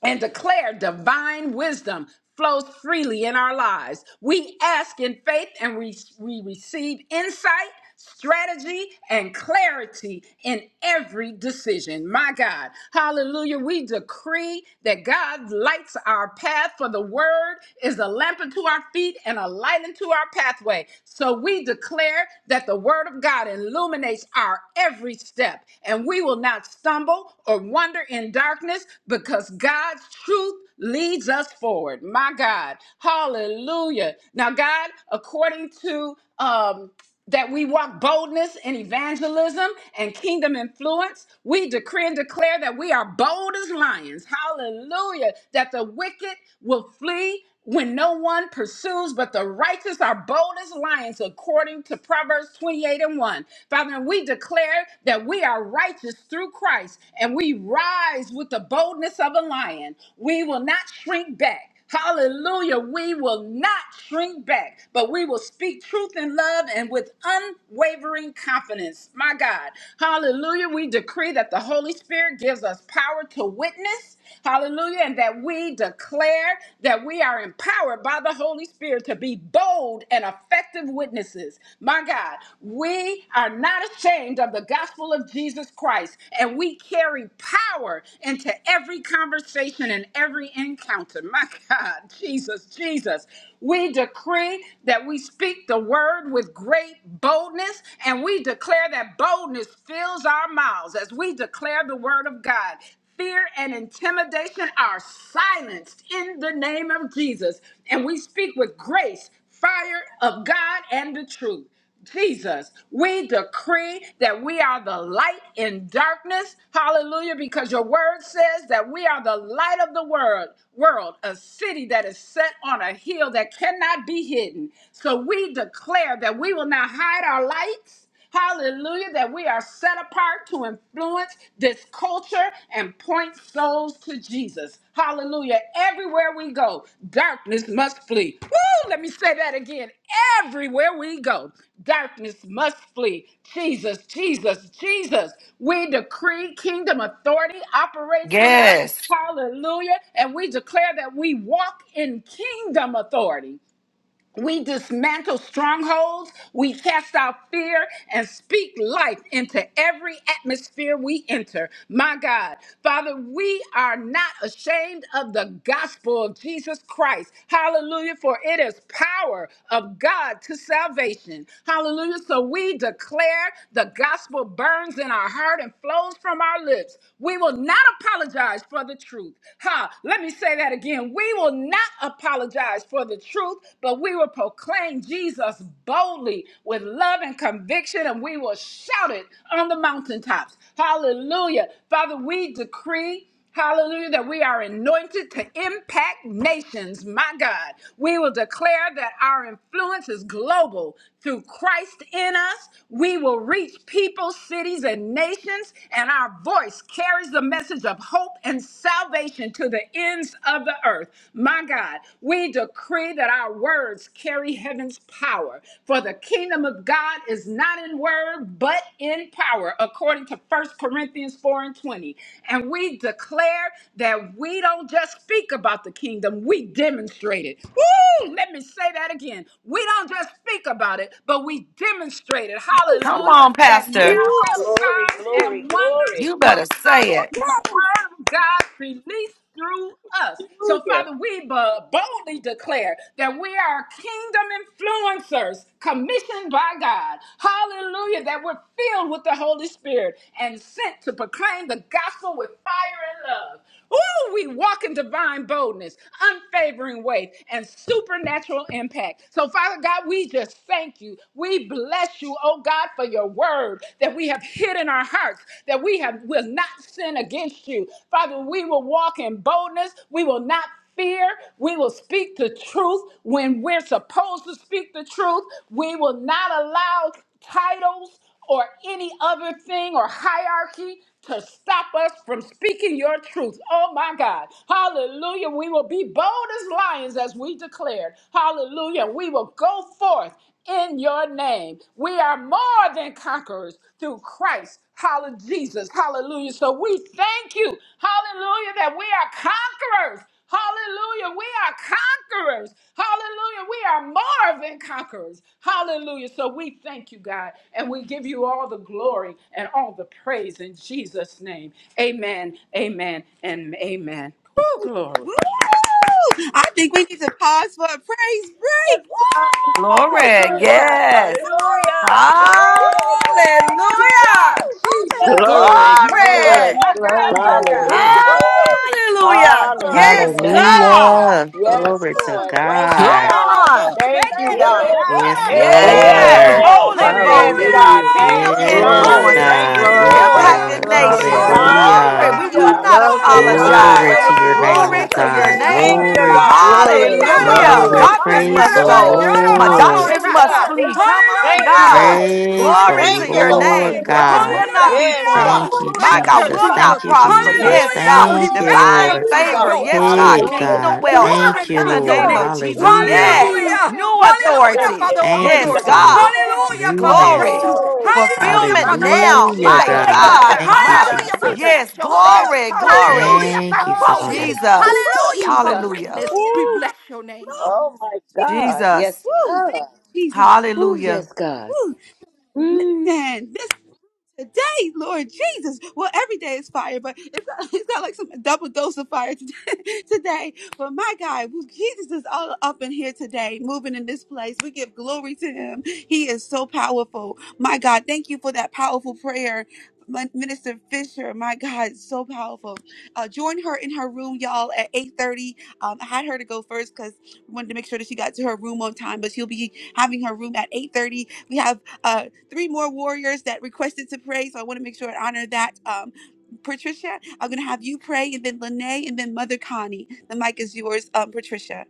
and declare divine wisdom flows freely in our lives. We ask in faith and we, we receive insight, strategy, and clarity in every decision. My God, hallelujah. We decree that God lights our path, for the word is a lamp unto our feet and a light into our pathway. So we declare that the word of God illuminates our every step step, and we will not stumble or wander in darkness because God's truth leads us forward. My God. Hallelujah. Now, God, according to um, that we walk boldness in evangelism and kingdom influence. We decree and declare that we are bold as lions. Hallelujah. That the wicked will flee when no one pursues, but the righteous are bold as lions, according to Proverbs 28 and 1. Father, we declare that we are righteous through Christ, and we rise with the boldness of a lion. We will not shrink back. Hallelujah. We will not shrink back, but we will speak truth in love and with unwavering confidence. My God. Hallelujah. We decree that the Holy Spirit gives us power to witness Hallelujah. And that we declare that we are empowered by the Holy Spirit to be bold and effective witnesses. My God, we are not ashamed of the gospel of Jesus Christ, and we carry power into every conversation and every encounter. My God, Jesus, Jesus. We decree that we speak the word with great boldness, and we declare that boldness fills our mouths as we declare the word of God fear and intimidation are silenced in the name of Jesus. And we speak with grace, fire of God, and the truth. Jesus, we decree that we are the light in darkness. Hallelujah, because your word says that we are the light of the world, world, a city that is set on a hill that cannot be hidden. So we declare that we will not hide our lights. Hallelujah, that we are set apart to influence this culture and point souls to Jesus. Hallelujah. Everywhere we go, darkness must flee. Woo! Let me say that again. Everywhere we go, darkness must flee. Jesus, Jesus, Jesus. We decree kingdom authority operates in us. Yes. Hallelujah. And we declare that we walk in kingdom authority. We dismantle strongholds. We cast out fear and speak life into every atmosphere we enter. My God. Father, we are not ashamed of the gospel of Jesus Christ. Hallelujah. For it is power of God to salvation. Hallelujah. So we declare the gospel burns in our heart and flows from our lips. We will not apologize for the truth. Ha! Let me say that again. And we will not apologize for the truth, but we will proclaim Jesus boldly with love and conviction, and we will shout it on the mountaintops. Hallelujah. Father, we decree. Hallelujah, that we are anointed to impact nations. My God, we will declare that our influence is global. Through Christ in us, we will reach people, cities, and nations, and our voice carries the message of of hope and salvation to the ends of the earth. My God, we decree that our words carry heaven's power. For the kingdom of God is not in word, but in power, according to First Corinthians 4 and 20. And we declare that we don't just speak about the kingdom, we demonstrate it. Woo! Let me say that again. We don't just speak about it, but we demonstrate it. Come Hallelujah. on, That Pastor. Ooh, miracles, glory, signs, glory, and wonders glory. You will better say follow it. the word of God released through us. So, Hallelujah. Father, we bu- boldly declare that we are kingdom influencers commissioned by God. Hallelujah. That we're filled with the Holy Spirit and sent to proclaim the gospel with fire and love. Ooh, we walk in divine boldness, unfavoring weight, and supernatural impact. So, Father God, we just thank you. We bless you, oh God, for your your word that we have hid in our hearts, that we have will not sin against you. Father, we will walk in boldness. We will not fear. We will speak the truth when we're supposed to speak the truth. We will not allow titles or any other thing or hierarchy to stop us from speaking your truth. Oh my God. Hallelujah. We will be bold as lions as we declared. Hallelujah. We will go forth in your name. We are more than conquerors through Christ. Hallelujah, Jesus. Hallelujah. So we thank you. Hallelujah that we are conquerors. Hallelujah. We are conquerors. Hallelujah. We are more than conquerors. Hallelujah. So we thank you, God, and we give you all the glory and all the praise in Jesus' name. Amen, amen, and amen. Oh glory. Woo! I think we need to pause for a praise Yes, break. Lord. Woo! Glory. Glory to Hallelujah. God. Glory to Glory Yes. to Hallelujah. God. God! Woo! Hey, Hallelujah. Lord. Thank you, Hallelujah. God. Hey. Jesus. Glory, Hey, My hey, glory, Hallelujah! God, Glory. my Woo! God, hey. my God. glory. Hallelujah. Hey, Woo! Glory, Hallelujah. Glory! glory, hey, Yes, glory. Hallelujah. hey. God. Glory, Hallelujah. Hallelujah! glory, Yes, Glory to glory. Lord. Woo! Thank Quiero you, Come God. God. Hallelujah. on. robo, Thank you, Thank Yeah, you, shendere, God. Lord. God. quiero Yes, Hey, hey, hey, robo, Thank hey, you, Yes, Yes, shata. Lord. Hallelujah. hey. Jesus. Lord. holy Thank Yes, you, boldness, God. God. Hallelujah. Hallelujah! Thank kingdom you, Woo, you're God. Yes, Glory, worthy, influencers, Thank God. you, Jesus. Yes, You're Lord. glory, Hallelujah! impacted Lord. worthy. nations. glory. Hallelujah! Glory! Hallelujah. Glory. Hallelujah. We You're We will Hallelujah. Hallelujah. worthy, not love oh you, God. we apologize. Glory Hallelujah! to love your you, Hallelujah. name, we oh Glory Hallelujah. Woo! to love your God. We you, name. Thank you, Jesus. Glory, glorify God. and Hallelujah! Glory! Thank Glory, magnify you, you, Quiero God. God. Hallelujah. glory. robo, glory, Glory to Darkness Jesus! Praise shendere, must the de glory. go. Hallelujah. Glory. quiero My robo, Lord. Yes, darkness Hallelujah. God. We Hallelujah. must shata. are flee. Yes, not Come on, Thank afraid. you, Hallelujah! God. Lord. Praise Glory the Hallelujah. Glory Thank to to your We you, your are holy Lord. Lord name. name. walking Weapons God. boldness, will hallelujah. not God. be Yes, formed. God. Hallelujah. Thank Ooh, you, My Thank Hallelujah. my God you, Jesus. will God. Jesus. not Thank you, prosper. Hallelujah. Jesus. Yes, Yes, Hallelujah. God. Lord We Thank you, Jesus. Glory, Divine Thank Lord. glory, you, magnify favor. God. glory. Ooh. your Yes, God. holy Hey, Woo! Hallelujah. name. Yes, Hallelujah. yes, Yes, Kingdom Your God. wealth. yes. kingdom God! Thank Glory you, In to the come, your Woo! name Lord. We of name. God. thank Jesus. Hallelujah. you Hallelujah. Yes. for Mm. Your Hallelujah. will New be done, Hallelujah for God. Yes, a authority. for the yes, praise. Thank open yes, Yes, you, doors. God. Hallelujah. Father. God. Jesus. Glory, Hallelujah for the glory, Newness. Glory. breakthrough. Woo! glory, Thank Oh, you, glory. Hallelujah Father. Fulfillment Fire, for the Woo, now. shaking and Hallelujah, the My Jesus. fire shaking. God. My God. up in God, Thank you, my Ah. God, Hallelujah. my We God. Jesus. bless Yes. your holy name. Woo, Glory. Glory. hallelujah. Hallelujah Thank you, for Glory. boldness. Father. here. Jesus. Woo, Hallelujah for Jesus. Hallelujah. greatness. Hallelujah. We Ooh, Hallelujah. bless your name. Glory to oh my you, Jesus. God. Jesus. Yes, Woo! Thank God. you, Jesus. Ooh, Hallelujah. yes, God. Woo. Mm. Listen, this today, Lord Jesus. Well, every day is fire, but it's not, it's not like some double dose of fire today. today. But my God, well, Jesus is all up in here today, moving in this place. We give glory to him. He is so powerful. My God, thank you for that powerful prayer. Min- Minister Fisher, my God, so powerful. Uh, join her in her room, y'all, at 8.30. Um, I had her to go first because we wanted to make sure that she got to her room on time, but she'll be having her room at 8.30. We have uh, three more warriors that requested to pray. So I want to make sure I honor that. Um, Patricia, I'm going to have you pray, and then Lene, and then Mother Connie. The mic is yours, um, Patricia.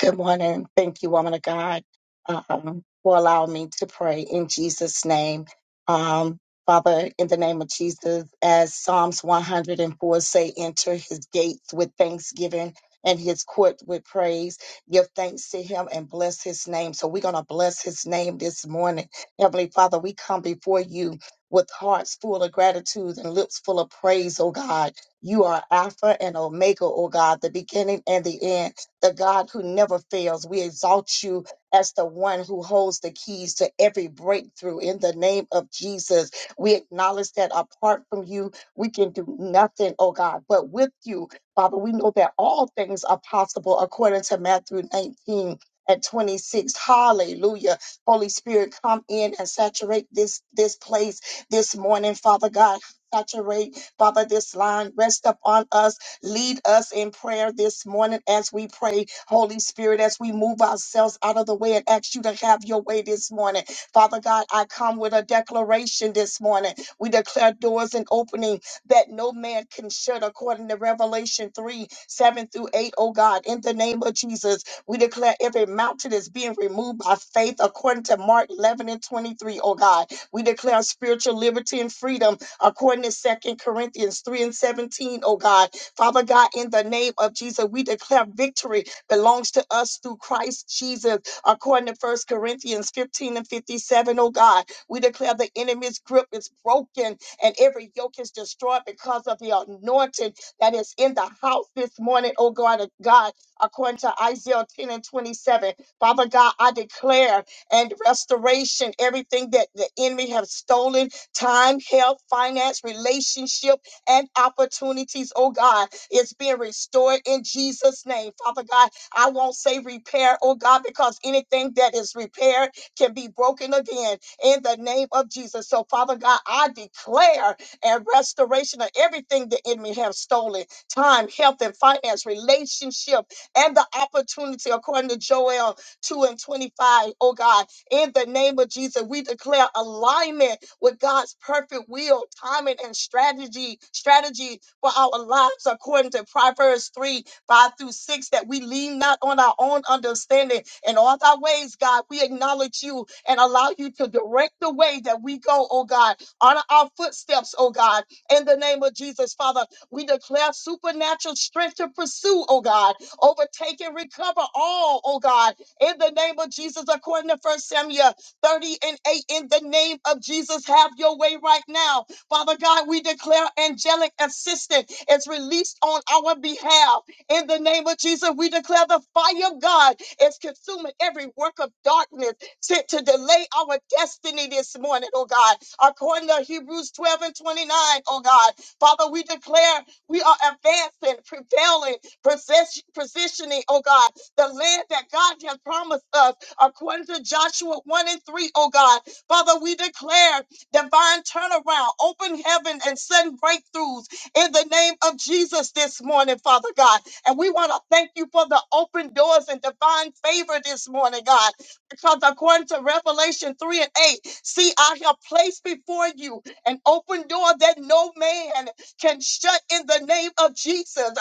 Good morning. Thank you, woman of God, um, for allowing me to pray in Jesus' name. Um, Father, in the name of Jesus, as Psalms 104 say, enter his gates with thanksgiving and his court with praise. Give thanks to him and bless his name. So we're going to bless his name this morning. Heavenly Father, we come before you with hearts full of gratitude and lips full of praise, oh God. You are Alpha and Omega, O God, the beginning and the end, the God who never fails. We exalt you as the one who holds the keys to every breakthrough in the name of Jesus. We acknowledge that apart from you, we can do nothing, oh God, but with you, Father, we know that all things are possible according to Matthew 19 and 26. Hallelujah. Holy Spirit, come in and saturate this, this place this morning, Father God. Saturate, Father, this line. Rest upon us. Lead us in prayer this morning as we pray. Holy Spirit, as we move ourselves out of the way and ask you to have your way this morning. Father God, I come with a declaration this morning. We declare doors and opening that no man can shut according to Revelation 3, 7 through 8. Oh God, in the name of Jesus, we declare every mountain is being removed by faith according to Mark 11 and 23. Oh God, we declare spiritual liberty and freedom according to Second Corinthians 3 and 17, O God. Father God, in the name of Jesus, we declare victory belongs to us through Christ Jesus, according to First Corinthians 15 and 57, O God. We declare the enemy's grip is broken and every yoke is destroyed because of the anointing that is in the house this morning, oh God, uh, God, according to Isaiah 10 and 27. Father God, I declare and restoration, everything that the enemy have stolen time, health, finance, relationship, and opportunities. Oh God, it's being restored in Jesus' name. Father God, I won't say repair, oh God, because anything that is repaired can be broken again in the name of Jesus. So, Father God, I declare a restoration of everything the enemy has stolen time, health, and finance, relationship, and the opportunity, according to Joel 2 and 25. Oh God, in the name of Jesus, we declare alignment with God's perfect will, timing, and strategy, strategy for our lives according to Proverbs 3, 5 through 6, that we lean not on our own understanding. In all our ways, God, we acknowledge you and allow you to direct the way that we go, oh God. Honor our footsteps, oh God. In the name of Jesus, Father, we declare supernatural strength to pursue, oh God. Overtake and recover all, oh God in the name of Jesus, according to First Samuel 30 and 8. In the name of Jesus, have your way right now. Father God, we declare angelic assistance is released on our behalf. In the name of Jesus, we declare the fire of God is consuming every work of darkness sent to delay our destiny this morning, oh God. According to Hebrews 12 and 29, O God. Father, we declare we are advancing, prevailing, possess- positioning, oh God the land that God has promised us according to Joshua 1 and 3, oh God. Father, we declare divine turnaround, open heaven, and sudden breakthroughs in the name of Jesus this morning, Father God. And we want to thank you for the open doors and divine favor this morning, God, because according to Revelation 3 and 8, see, I have placed before you an open door that no man can shut in the name of Jesus.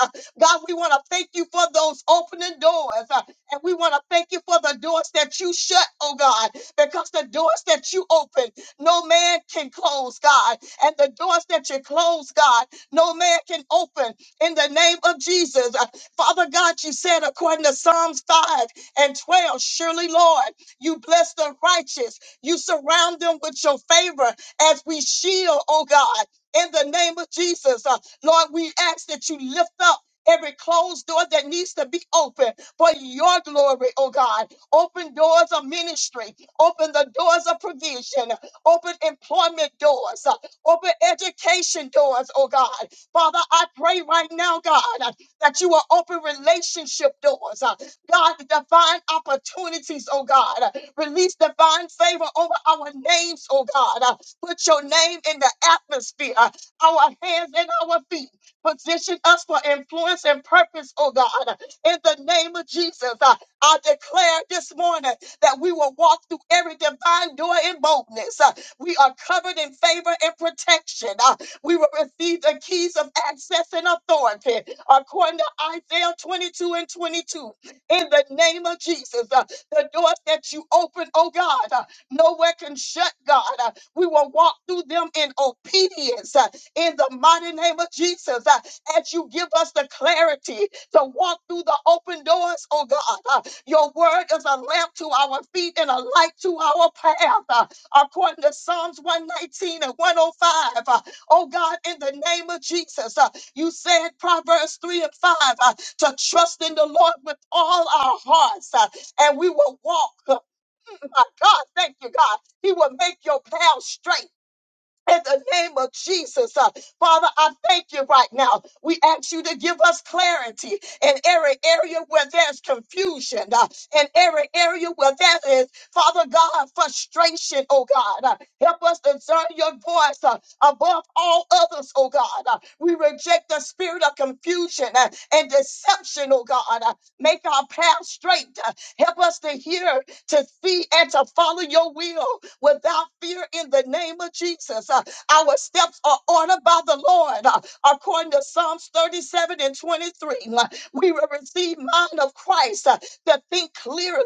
God, we want to thank you for those opening doors. uh, And we want to thank you for the doors that you shut, oh God, because the doors that you open, no man can close, God. And the doors that you close, God, no man can open in the name of Jesus. Uh, Father God, you said according to Psalms 5 and 12, surely, Lord, you bless the righteous. You surround them with your favor as we shield, oh God. In the name of Jesus, Uh, Lord, we ask that you lift up every closed door that needs to be open for your glory, oh God. Open doors of ministry, open the doors of provision, open employment doors, uh, open education doors, oh God. Father, I pray right now, God, uh, that you will open relationship doors, uh, God, divine opportunities, oh God. Uh, Release divine favor over our names, oh God. Uh, Put your name in the atmosphere, uh, our hands and our feet. Position us for influence and purpose, oh God. In the name of Jesus, I, I declare this morning that we will walk through every divine door in boldness. Uh, We are covered in favor and protection. Uh, We will receive the keys of access and authority according to Isaiah 22 and 22. In the name of Jesus, uh, the doors that you open, oh God, uh, nowhere can shut, God. Uh, We will walk through them in obedience. Uh, in the mighty name of Jesus. uh, As you give us the clarity to walk through the open doors, oh God, uh, your word is a lamp to our feet and a light to our path. uh, According to Psalms 119 and 105, uh, oh God, in the name of Jesus, uh, you said Proverbs 3 and 5 uh, to trust in the Lord with all our hearts uh, and we will walk. uh, My God, thank you, God. He will make your path straight in the name of Jesus. Uh, Father, I thank you right now. We ask you to give us clarity in every area where there's confusion, uh, in every area where there is, Father God, frustration, oh God. Uh, help us discern your voice uh, above all others, oh God. Uh, we reject the spirit of confusion uh, and deception, oh God. Uh, make our path straight. Uh, help us to hear to see and to follow your will without fear in the name of Jesus. Uh, our steps are ordered by the Lord. Uh, according to Psalms 37 and 23, uh, we will receive mind of Christ uh, to think clearly.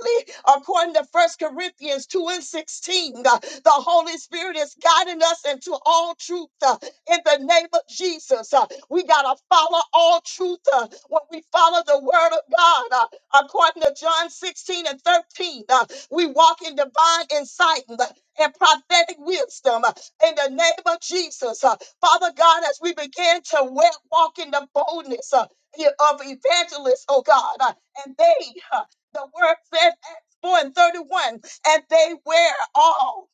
According to First Corinthians 2 and 16, uh, the Holy Spirit is guiding us into all truth uh, in the name of Jesus. Uh, we got to follow all truth uh, when we follow the word of God. uh, according to John 16 and 13. uh, we walk in divine insight and prophetic wisdom in the name of Jesus. Uh, Father God, as we begin to wa- walk in the boldness uh, yeah, of evangelists, oh God, uh, and they, uh, the word said, Acts 4 and 31, and they were all.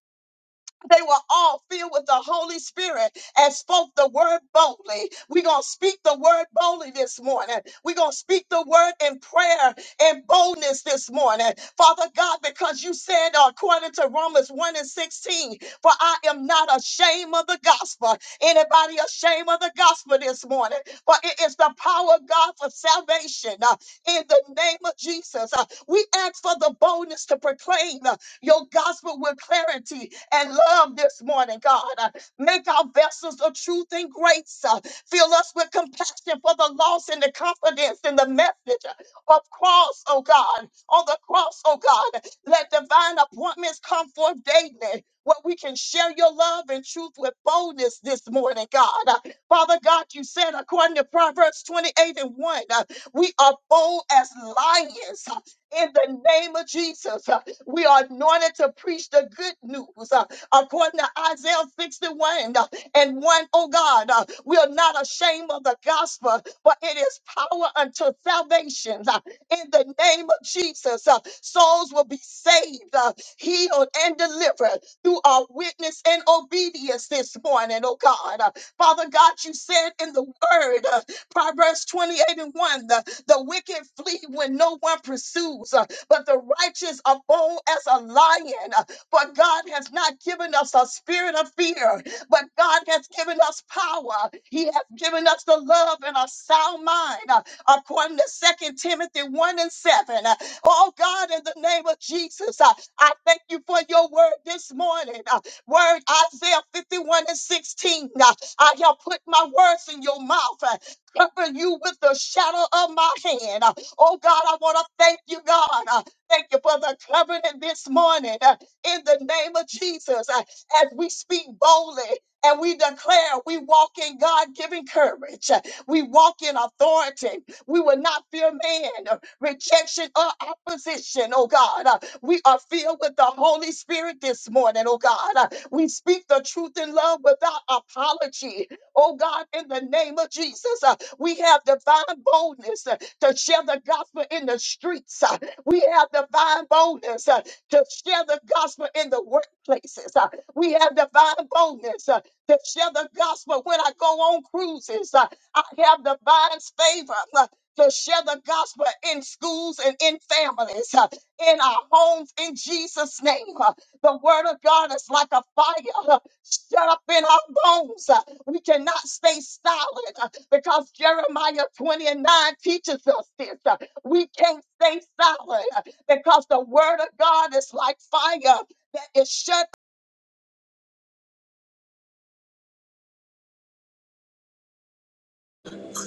They were all filled with the Holy Spirit and spoke the word boldly. We're going to speak the word boldly this morning. We're going to speak the word in prayer and boldness this morning. Father God, because you said, according to Romans 1 and 16, for I am not ashamed of the gospel. Anybody ashamed of the gospel this morning? For it is the power of God for salvation uh, in the name of Jesus. Uh, we ask for the boldness to proclaim. uh, your gospel with clarity and love this morning, God. Uh, Make our vessels of truth and grace. uh, Fill us with compassion for the loss and the confidence in the message uh, of cross, oh God. On the cross, oh God. Let divine appointments come forth daily. Where we can share your love and truth with boldness this morning, God. Uh, Father God, you said according to Proverbs 28 and 1, uh, we are bold as lions uh, in the name of Jesus. Uh, we are anointed to preach the good news uh, according to Isaiah 61 uh, and 1. Oh God, uh, we are not ashamed of the gospel, but it is power unto salvation uh, in the name of Jesus. uh, souls will be saved, uh, healed, and delivered through our witness and obedience this morning, oh God. Uh, Father God, you said in the word, uh, Proverbs 28 and 1, the, the wicked flee when no one pursues. uh, but the righteous are bold as a lion. But God has not given us a spirit of fear, but God has given us power. He has given us the love and a sound mind, uh, according to Second Timothy 1 and 7. Uh, Oh God, in the name of Jesus, uh, I thank you for your word this morning. Uh, Word Isaiah 51 and 16. Uh, I have put my words in your mouth. uh, Cover you with the shadow of my hand. Oh God, I want to thank you, God. Uh, Thank you for the covenant this morning. Uh, In the name of Jesus, uh, as we speak boldly and we declare we walk in God given courage, Uh, we walk in authority. We will not fear man, uh, rejection, or opposition, oh God. Uh, We are filled with the Holy Spirit this morning, oh God. Uh, We speak the truth in love without apology. Oh God, in the name of Jesus, uh, we have divine boldness. uh, to share the gospel in the streets. uh, We have divine boldness uh, to share the gospel in the workplaces. uh, We have divine boldness uh, to share the gospel when I go on cruises. uh, I have divine favor. uh, To share the gospel in schools and in families, uh, in our homes, in Jesus' name. Uh, The word of God is like a fire. uh, shut up in our bones. Uh, We cannot stay silent uh, because Jeremiah 20 and 9 teaches us this. Uh, We can't stay silent uh, because the word of God is like fire that is shut.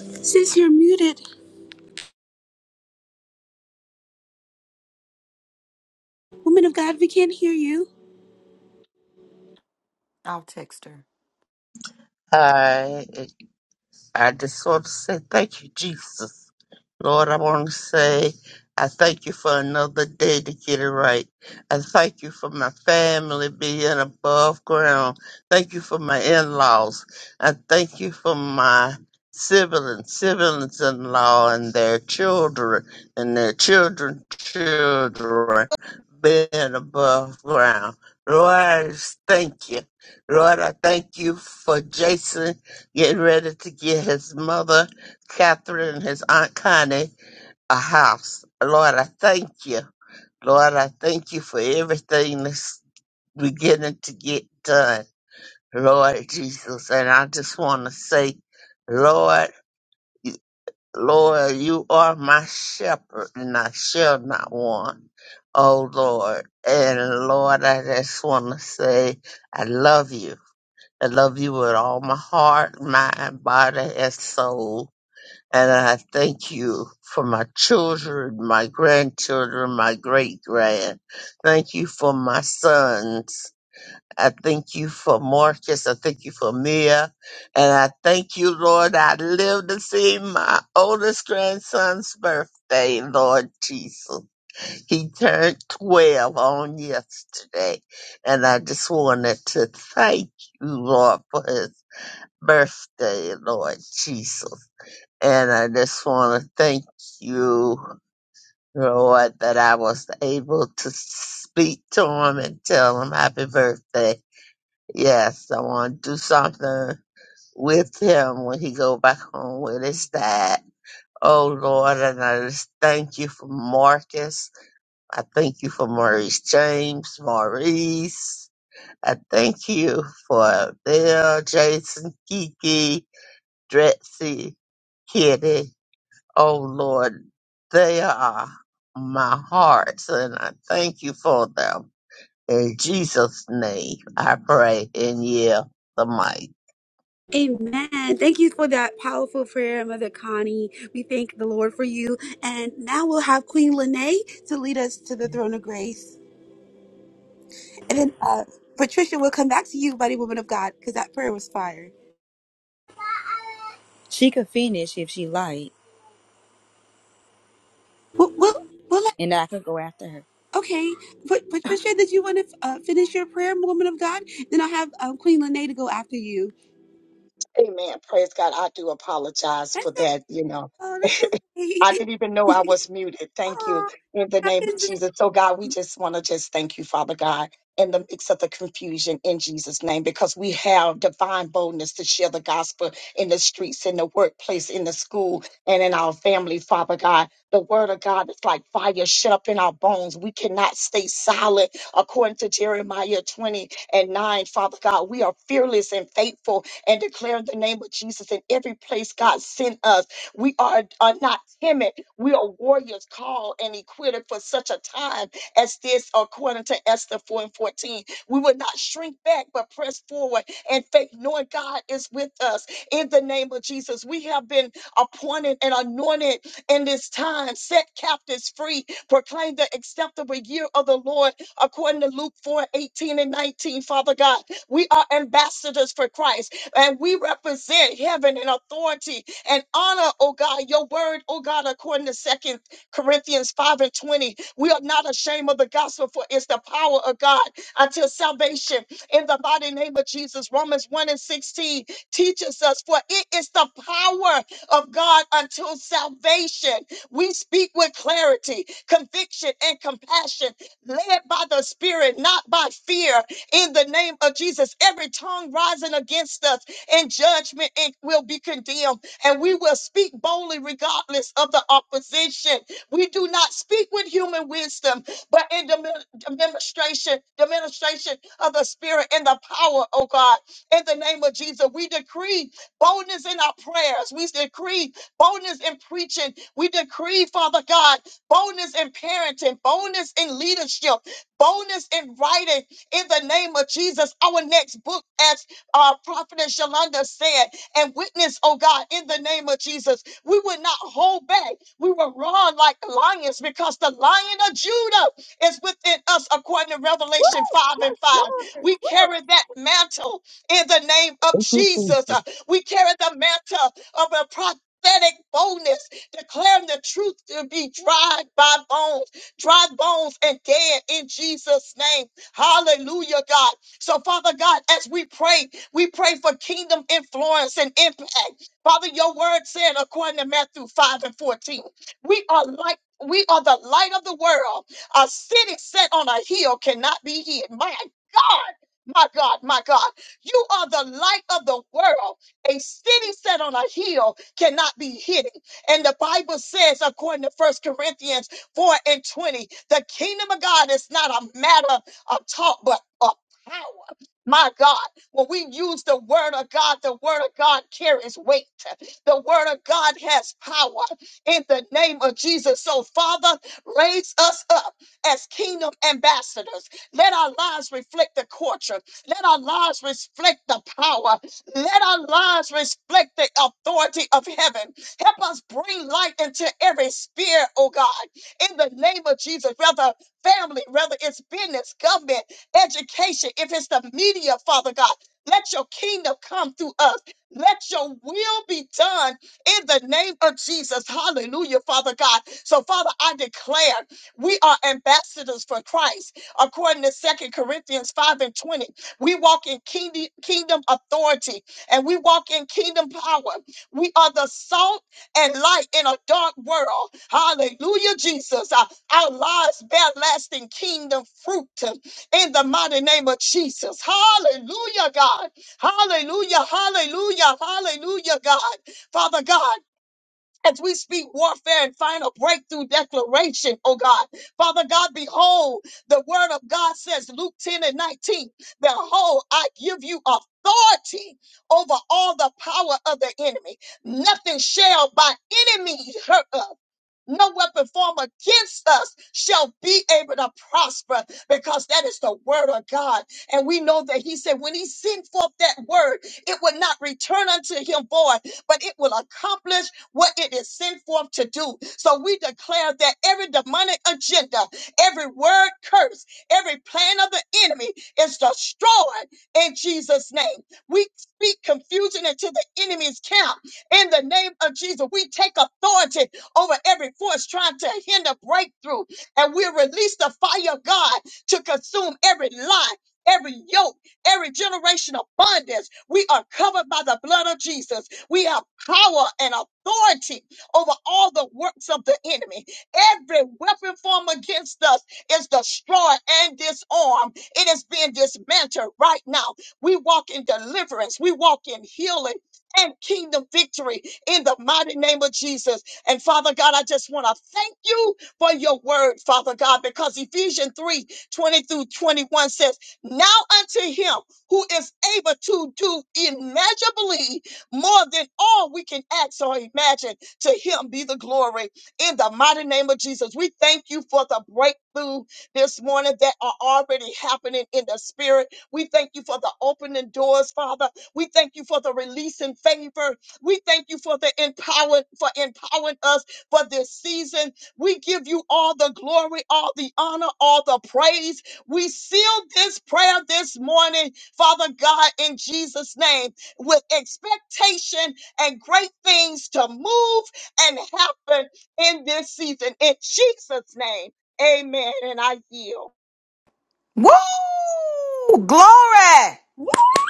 Sis, you're muted. Woman of God, we can't hear you. I'll text her. I, I just want to say thank you, Jesus. Lord, I want to say I thank you for another day to get it right. I thank you for my family being above ground. Thank you for my in laws. I thank you for my siblings, siblings in law, and their children, and their children, children being above ground. Lord, I just thank you. Lord, I thank you for Jason getting ready to get his mother Catherine and his Aunt Connie a house. Lord, I thank you. Lord, I thank you for everything that's beginning to get done. Lord Jesus, and I just want to say, Lord, you- Lord, you are my shepherd, and I shall not want. Oh Lord, and Lord, I just want to say, I love you. I love you with all my heart, mind, body, and soul. And I thank you for my children, my grandchildren, my great grand. Thank you for my sons. I thank you for Marcus. I thank you for Mia. And I thank you, Lord, I live to see my oldest grandson's birthday, Lord Jesus. He turned 12 on yesterday. And I just wanted to thank you, Lord, for his birthday, Lord Jesus. And I just want to thank you, Lord, that I was able to speak to him and tell him happy birthday. Yes, I want to do something with him when he go back home with his dad. Oh Lord, and I just thank you for Marcus. I thank you for Maurice James, Maurice. I thank you for Bill, Jason, Kiki, Dretsy, Kitty. Oh Lord, they are my hearts, and I thank you for them. In Jesus' name, I pray and yield the mic. Amen. Thank you for that powerful prayer, Mother Connie. We thank the Lord for you. And now we'll have Queen Lene to lead us to the throne of grace. And then uh, Patricia, we'll come back to you, buddy, woman of God, because that prayer was fire. She could finish if she liked, We'll, we'll, we'll and I could go after her. Okay, but but you said you want to uh, finish your prayer, woman of God. Then I'll have um, Queen Lene to go after you. Amen. Praise God. I do apologize That's for so, that, you know. oh, that's I okay. didn't even know I was muted. Thank you oh, in the name of happens. It's- Jesus. So, God, we just want to just thank you, Father God, in the mix of the confusion in Jesus' name, because we have divine boldness to share the gospel in the streets, in the workplace, in the school, and in our family, Father God. The word of God is like fire shut up in our bones. We cannot stay silent according to Jeremiah 20 and 9, Father God. We are fearless and faithful and declare in the name of Jesus in every place God sent us. We are, are not timid. We are warriors called and equipped for such a time as this, according to Esther 4 and 14. We will not shrink back, but press forward and faith, knowing God is with us in the name of Jesus. We have been appointed and anointed in this time, set captives free, proclaim the acceptable year of the Lord, according to Luke 4 18 and 19. Father God, we are ambassadors for Christ and we represent heaven and authority and honor, oh God, your word, oh God, according to Second Corinthians 5 and 20. We are not ashamed of the gospel, for it's the power of God until salvation in the mighty name of Jesus. Romans 1 and 16 teaches us, for it is the power of God until salvation. We speak with clarity, conviction, and compassion, led by the Spirit, not by fear, in the name of Jesus. Every tongue rising against us in judgment it will be condemned and we will speak boldly regardless of the opposition. We do not speak with human wisdom, but in the demonstration, demonstration of the Spirit and the power, oh God, in the name of Jesus. We decree boldness in our prayers. We decree boldness in preaching. We decree, Father God, boldness in parenting, boldness in leadership, boldness in writing in the name of Jesus. Our next book, as uh, Prophetess Yolanda said, and witness, oh God, in the name of Jesus. We would not hold back. We will run like lions because the lion of Judah is within us, according to Revelation 5 and 5. Lord. We carry that mantle in the name of Thank you, Jesus. Jesus. Uh, We carry the mantle of a prophetic boldness, declaring the truth to be dried by bones, dried bones and dead in Jesus' name. Hallelujah, God. So, Father God, as we pray, we pray for kingdom influence and impact. Father, your word said, according to Matthew 5 and 14, we are like we are the light of the world. A city set on a hill cannot be hid. My God, my God, my God. You are the light of the world. A city set on a hill cannot be hidden. And the Bible says, according to First Corinthians 4 and 20, the kingdom of God is not a matter of talk, but a power. My God, when we use the word of God, the word of God carries weight. The word of God has power in the name of Jesus. So, Father, raise us up as kingdom ambassadors. Let our lives reflect the culture. Let our lives reflect the power. Let our lives reflect the authority of heaven. Help us bring light into every sphere, oh God, in the name of Jesus, whether family, whether it's business, government education, if it's the media, Father God, let your kingdom come through us. Let your will be done in the name of Jesus. Hallelujah, Father God. So, Father, I declare we are ambassadors for Christ. According to Second Corinthians 5 and 20, we walk in kingdom, kingdom authority and we walk in kingdom power. We are the salt and light in a dark world. Hallelujah, Jesus. Uh, Our lives bear lasting kingdom fruit in the mighty name of Jesus. Hallelujah, God. Hallelujah, hallelujah, hallelujah, God. Father God as we speak warfare and final breakthrough declaration, oh God. Father God, behold, the word of God says, Luke 10 and 19, behold, I give you authority over all the power of the enemy. Nothing shall by any means hurt us. No weapon formed against us shall be able to prosper because that is the word of God. And we know that he said when he sent forth that word, it will not return unto him void, but it will accomplish what it is sent forth to do. So we declare that every demonic agenda, every word curse, every plan of the enemy is destroyed in Jesus' name. We speak confusion into the enemy's camp in the name of Jesus. We take authority over every force trying to hinder breakthrough, and we release the fire of God to consume every lie. Every yoke, every generation of bondage, we are covered by the blood of Jesus. We have power and authority over all the works of the enemy. Every weapon formed against us is destroyed and disarmed. It is being dismantled right now. We walk in deliverance. We walk in healing and kingdom victory in the mighty name of Jesus. And Father God, I just want to thank you for your word, Father God, because Ephesians 3 20 through 21 says, Now unto him who is able to do immeasurably more than all we can ask or imagine. To him be the glory in the mighty name of Jesus. We thank you for the breakthrough this morning that are already happening in the spirit. We thank you for the opening doors, Father. We thank you for the release and favor. We thank you for the empower for empowering us for this season. We give you all the glory, all the honor, all the praise. We seal this prayer this morning, Father God, in Jesus' name with expectation and great things to move and happen in this season. In Jesus' name, amen. And I yield. Woo! Glory! Woo!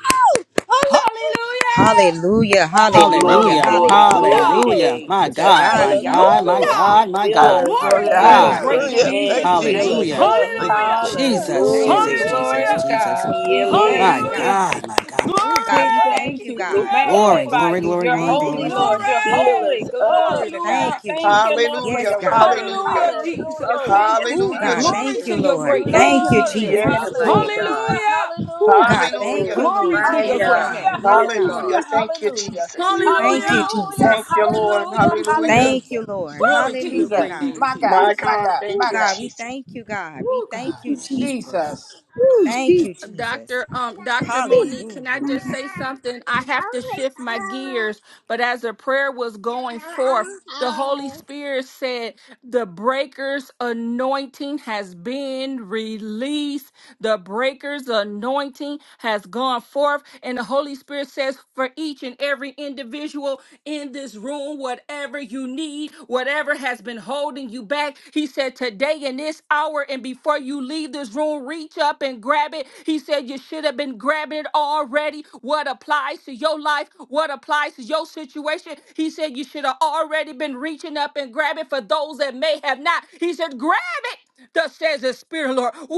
Hallelujah! Hallelujah. Hallelujah, hallelujah, glory, Hallelujah. glory, hallelujah. glory Hallelujah. Woo! Hallelujah. today. My To God, God Fill my be us Hallelujah. all up, the God, my Lord. God, glory. my Fill us God, my Glory Hallelujah, up. to Yes, your God. great God. Jesus, hallelujah. name, Amen. Thank Jesus, you, Jesus. Fill Thank Jesus. us Jesus. you, Hallelujah. up. Thank Jesus. you. Hallelujah. Jesus, Thank Hallelujah. you, Jesus, Glory. Glory Jesus. Jesus, to Hallelujah. Jesus. God. Hallelujah! Yeah, We Lord. Yes, My thank you, God. Hallelujah. God, Jesus. my God, my Oh, God. My God. God, We we thank thank Glory. you, you. We Glo- God. Sierra Glory, Hey! Robo magnify glory, you. glory, Shata. You're glory, Thank you, holy, glory, Glory. glory. Lord. You're Jesus. Fill holy. us Glory up. to God. Hallelujah. Thank you, Thank you, Jesus. Lord, for Hallelujah. Yes, your God. word. Hallelujah. Hallelujah, Hallelujah. Jesus. Oh, Thank you, yes, Oh, Hallelujah, God, God. Jesus. Oh, Glory thank you, to Jesus. your Lord. great name, Thank you, Thank Glory. you, Jesus. Jesus. Yes, mighty Lord. God. Hallelujah. Hallelujah. Oh, Hallelujah. God, Oh, thank Hallelujah. Hallelujah. you, Glory Lord. to your Yes, great fire. God. Hallelujah. name. Yes, Yes, Hallelujah. God. Hallelujah. God. Thank you, Hallelujah. Jesus. Thank you, Hallelujah. Hallelujah. Jesus. Thank you, Lord. Hallelujah. Hallelujah. Thank Hallelujah. you, Lord. Woo, Glory to your Hallelujah, great Jesus. God. name, My God. My Jesus. My God. God. Oh, Thank My you, God, God. we Jesus. thank you, God. We Woo, thank God. you, Jesus. Jesus. Thank you, Jesus. Doctor, um, Doctor Monique, can I Hallelujah. just say something? I have to shift my gears, but as a prayer was going forth. The Holy Spirit said, The breaker's anointing has been released. The breaker's anointing has gone forth. And the Holy Spirit says, For each and every individual in this room, whatever you need, whatever has been holding you back, He said, Today in this hour, and before you leave this room, reach up and grab it. He said, You should have been grabbing it already. What applies to your life? What applies to your situation? situation. He said, You should have already been reaching up and grabbing for those that may have not. He said, Grab it, thus says the Spirit of the Lord. Walk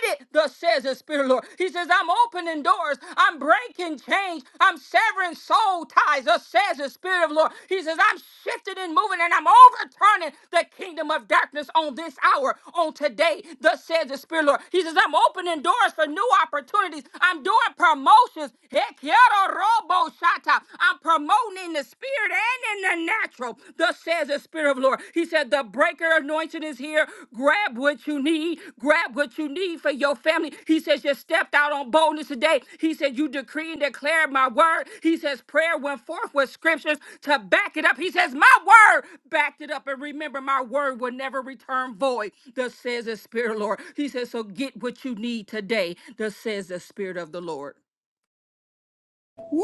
in it, thus says the Spirit of the Lord. He says, I'm opening doors, I'm breaking chains, I'm severing soul ties, thus says the Spirit of the Lord. He says, I'm shifting and moving and I'm overturning the kingdom of darkness on this hour, on today, thus says the Spirit of the Lord. He says, I'm opening doors for new opportunities, I'm doing promotions. Shata. I'm promoting in the spirit and in the natural. Thus says the Spirit of the Lord. He said, The breaker anointing is here. Grab what you need. Grab what you need for your family. He says, You stepped out on boldness today. He said, You decree and declare my word. He says, Prayer went forth with scriptures to back it up. He says, My word backed it up. And remember, my word will never return void. Thus says the Spirit of the Lord. He says, So get what you need today. Thus says the Spirit of the Lord. Woo!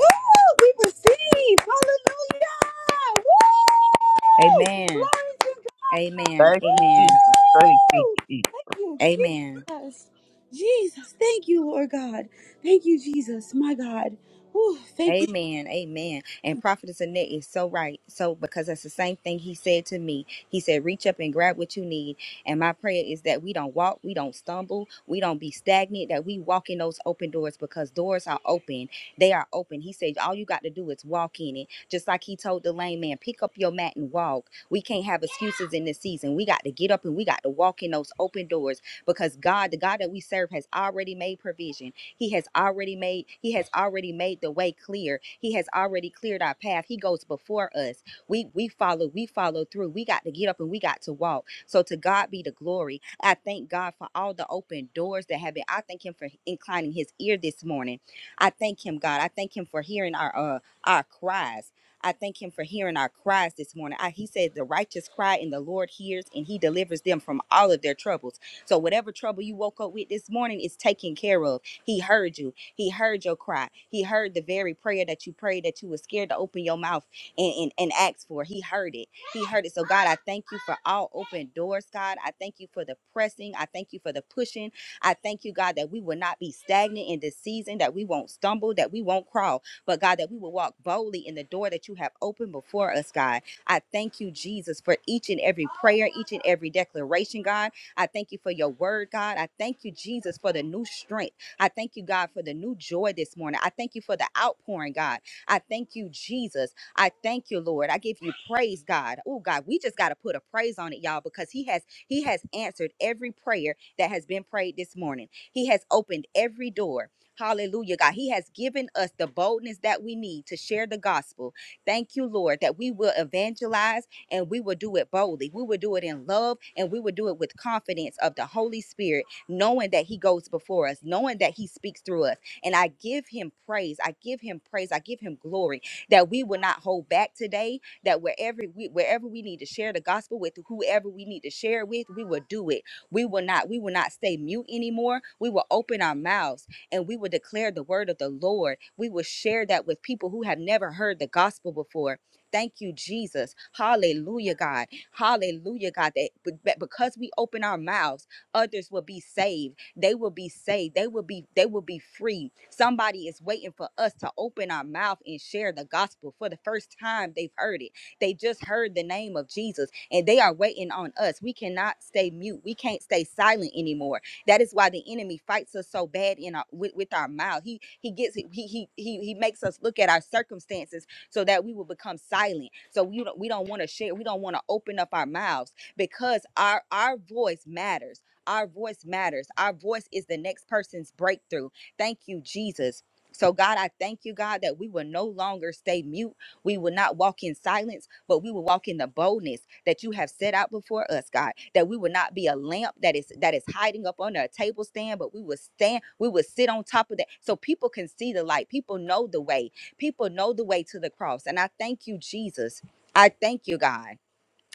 We receive. Hallelujah! Woo! Amen. Glory to Amen. God. Thank you, Amen. Jesus. Thank you, Woo! Jesus. Thank you, Amen. Jesus. Jesus, thank you, Lord God. Thank you, Jesus, my God. Woo, thank you. Amen. Amen. And Prophetess Annette is so right. So, because that's the same thing he said to me. He said, reach up and grab what you need. And my prayer is that we don't walk, we don't stumble, we don't be stagnant, that we walk in those open doors because doors are open. They are open. He said, all you got to do is walk in it. Just like he told the lame man, pick up your mat and walk. We can't have excuses in this season. We got to get up and we got to walk in those open doors because God, the God that we serve, has already made provision. He has already made he has already made the way clear. He has already cleared our path. He goes before us. We we follow, we follow through. We got to get up and we got to walk. So to God be the glory. I thank God for all the open doors that have been. I thank him for inclining his ear this morning. I thank him, God. I thank him for hearing our uh our cries. I thank him for hearing our cries this morning. I, he said, The righteous cry, and the Lord hears, and he delivers them from all of their troubles. So, whatever trouble you woke up with this morning is taken care of. He heard you. He heard your cry. He heard the very prayer that you prayed that you were scared to open your mouth and, and, and ask for. He heard it. He heard it. So, God, I thank you for all open doors, God. I thank you for the pressing. I thank you for the pushing. I thank you, God, that we will not be stagnant in this season, that we won't stumble, that we won't crawl, but God, that we will walk boldly in the door that you have opened before us, God. I thank you, Jesus, for each and every prayer, each and every declaration, God. I thank you for your word, God. I thank you, Jesus, for the new strength. I thank you, God, for the new joy this morning. I thank you for the outpouring, God. I thank you, Jesus. I thank you, Lord. I give you praise, God. Oh, God, we just got to put a praise on it, y'all, because He has He has answered every prayer that has been prayed this morning. He has opened every door. Hallelujah, God. He has given us the boldness that we need to share the gospel. Thank you, Lord, that we will evangelize and we will do it boldly. We will do it in love and we will do it with confidence of the Holy Spirit knowing that He goes before us, knowing that He speaks through us. And I give Him praise. I give Him praise. I give Him glory that we will not hold back today. That wherever we wherever we need to share the gospel with, whoever we need to share it with, we will do it. We will not we will not stay mute anymore. We will open our mouths and we will declare the word of the Lord. We will share that with people who have never heard the gospel before. Thank you, Jesus. Hallelujah, God. Hallelujah, God. That be- be- because we open our mouths others will be saved they will be saved they will be they will be free somebody is waiting for us to open our mouth and share the gospel for the first time they've heard it they just heard the name of jesus and they are waiting on us we cannot stay mute we can't stay silent anymore that is why the enemy fights us so bad in our with, with our mouth he he gets he, he he he makes us look at our circumstances so that we will become silent so we don't we don't want to share we don't want to open up our mouths because our our voice matters our voice matters. Our voice is the next person's breakthrough. Thank you, Jesus. So, God, I thank you, God, that we will no longer stay mute. We will not walk in silence, but we will walk in the boldness that you have set out before us, God. That we will not be a lamp that is that is hiding up under a table stand, but we will stand, we will sit on top of that so people can see the light. People know the way. People know the way to the cross. And I thank you, Jesus. I thank you, God.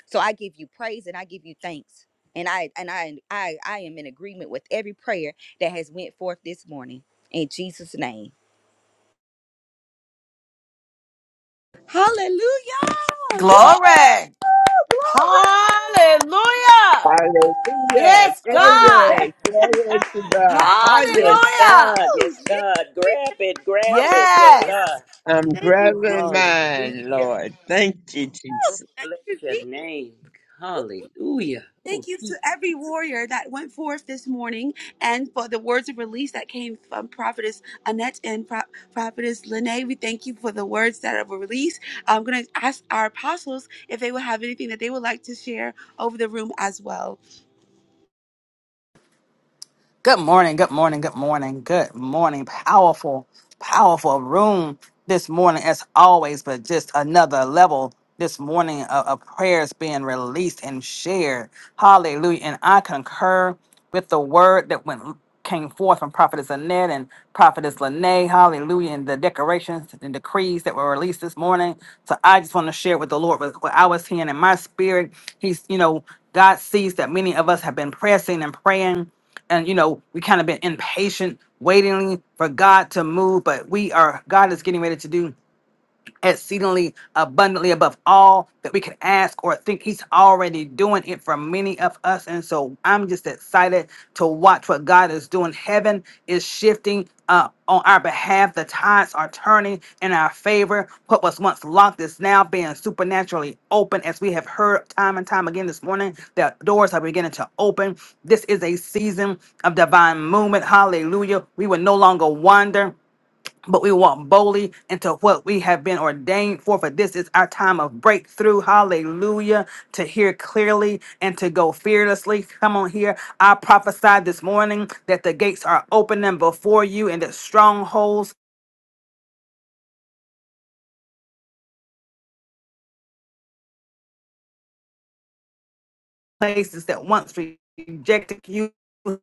So I give you praise and I give you thanks. And I and I I I am in agreement with every prayer that has went forth this morning in Jesus name. Hallelujah! Woo! Glory! Glory. Hallelujah! Hallelujah. Yes, Woo! God! Glory. Glory to the Yes, highest. Hallelujah. God. Oh, Yes, Jesus. God. Grab it. Grab it. Yes, Hallelujah. Yes. God. I'm Thank you, Oh, grabbing Jesus. mine, hallelujah. Lord. Thank you, Oh, Jesus. Thank bless you, Jesus. your name. Hallelujah. Oh, Thank you to Jesus. every warrior that went forth this morning and for the words of release that came from Prophetess Annette and Pro- Prophetess Lene. We thank you for the words that were released. I'm going to ask our apostles if they would have anything that they would like to share over the room as well. Good morning, good morning, good morning, good morning. Powerful, powerful room this morning, as always, but just another level this morning of, of prayers being released and shared. Hallelujah. And I concur with the word that went came forth from Prophetess Annette and Prophetess Lene. Hallelujah. And the decorations and decrees that were released this morning. So I just want to share with the Lord what what I was hearing in my spirit. He's, you know, God sees that many of us have been pressing and praying and you know we kind of been impatient waiting for god to move but we are god is getting ready to do exceedingly abundantly above all that we can ask or think. He's already doing it for many of us. And so I'm just excited to watch what God is doing. Heaven is shifting uh, on our behalf. The tides are turning in our favor. What was once locked is now being supernaturally open. As we have heard time and time again this morning, the doors are beginning to open. This is a season of divine movement. Hallelujah. We will no longer wander but we walk boldly into what we have been ordained for. For this is our time of breakthrough. Hallelujah. To hear clearly and to go fearlessly. Come on here. I prophesied this morning that the gates are opening before you and that strongholds places that once rejected you.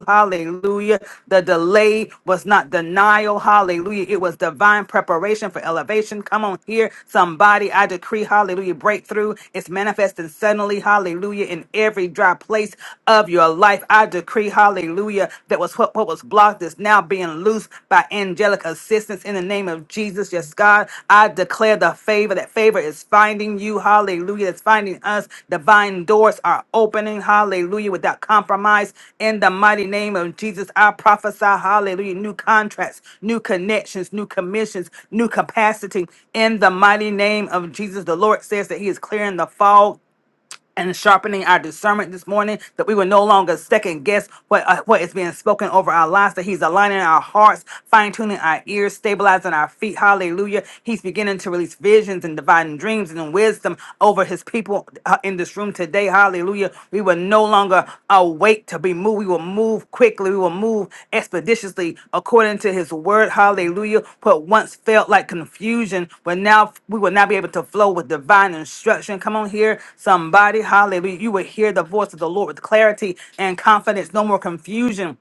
Hallelujah. The delay was not denial. Hallelujah. It was divine preparation for elevation. Come on here, somebody. I decree, hallelujah, breakthrough. It's manifesting suddenly, hallelujah, in every dry place of your life. I decree, hallelujah, that was what, what was blocked is now being loosed by angelic angelic assistance in the name of Jesus. Yes, God, I declare the favor. That favor is finding you. Hallelujah. It's finding us. Divine doors are opening. Hallelujah. Without compromise. In the mighty name of Jesus, I prophesy. Hallelujah. New contracts, new connections, new commissions, new capacity. In the mighty name of Jesus, the Lord says that He is clearing the fog and sharpening our discernment this morning that we will no longer second guess what uh, what is being spoken over our lives that he's aligning our hearts fine-tuning our ears stabilizing our feet hallelujah he's beginning to release visions and dividing dreams and wisdom over his people uh, in this room today hallelujah we will no longer awake to be moved. We will move quickly. We will move expeditiously according to his word. Hallelujah. What once felt like confusion will now we will now be able to flow with divine instruction. Come on here, somebody. Hallelujah. You will hear the voice of the Lord with clarity and confidence. No more confusion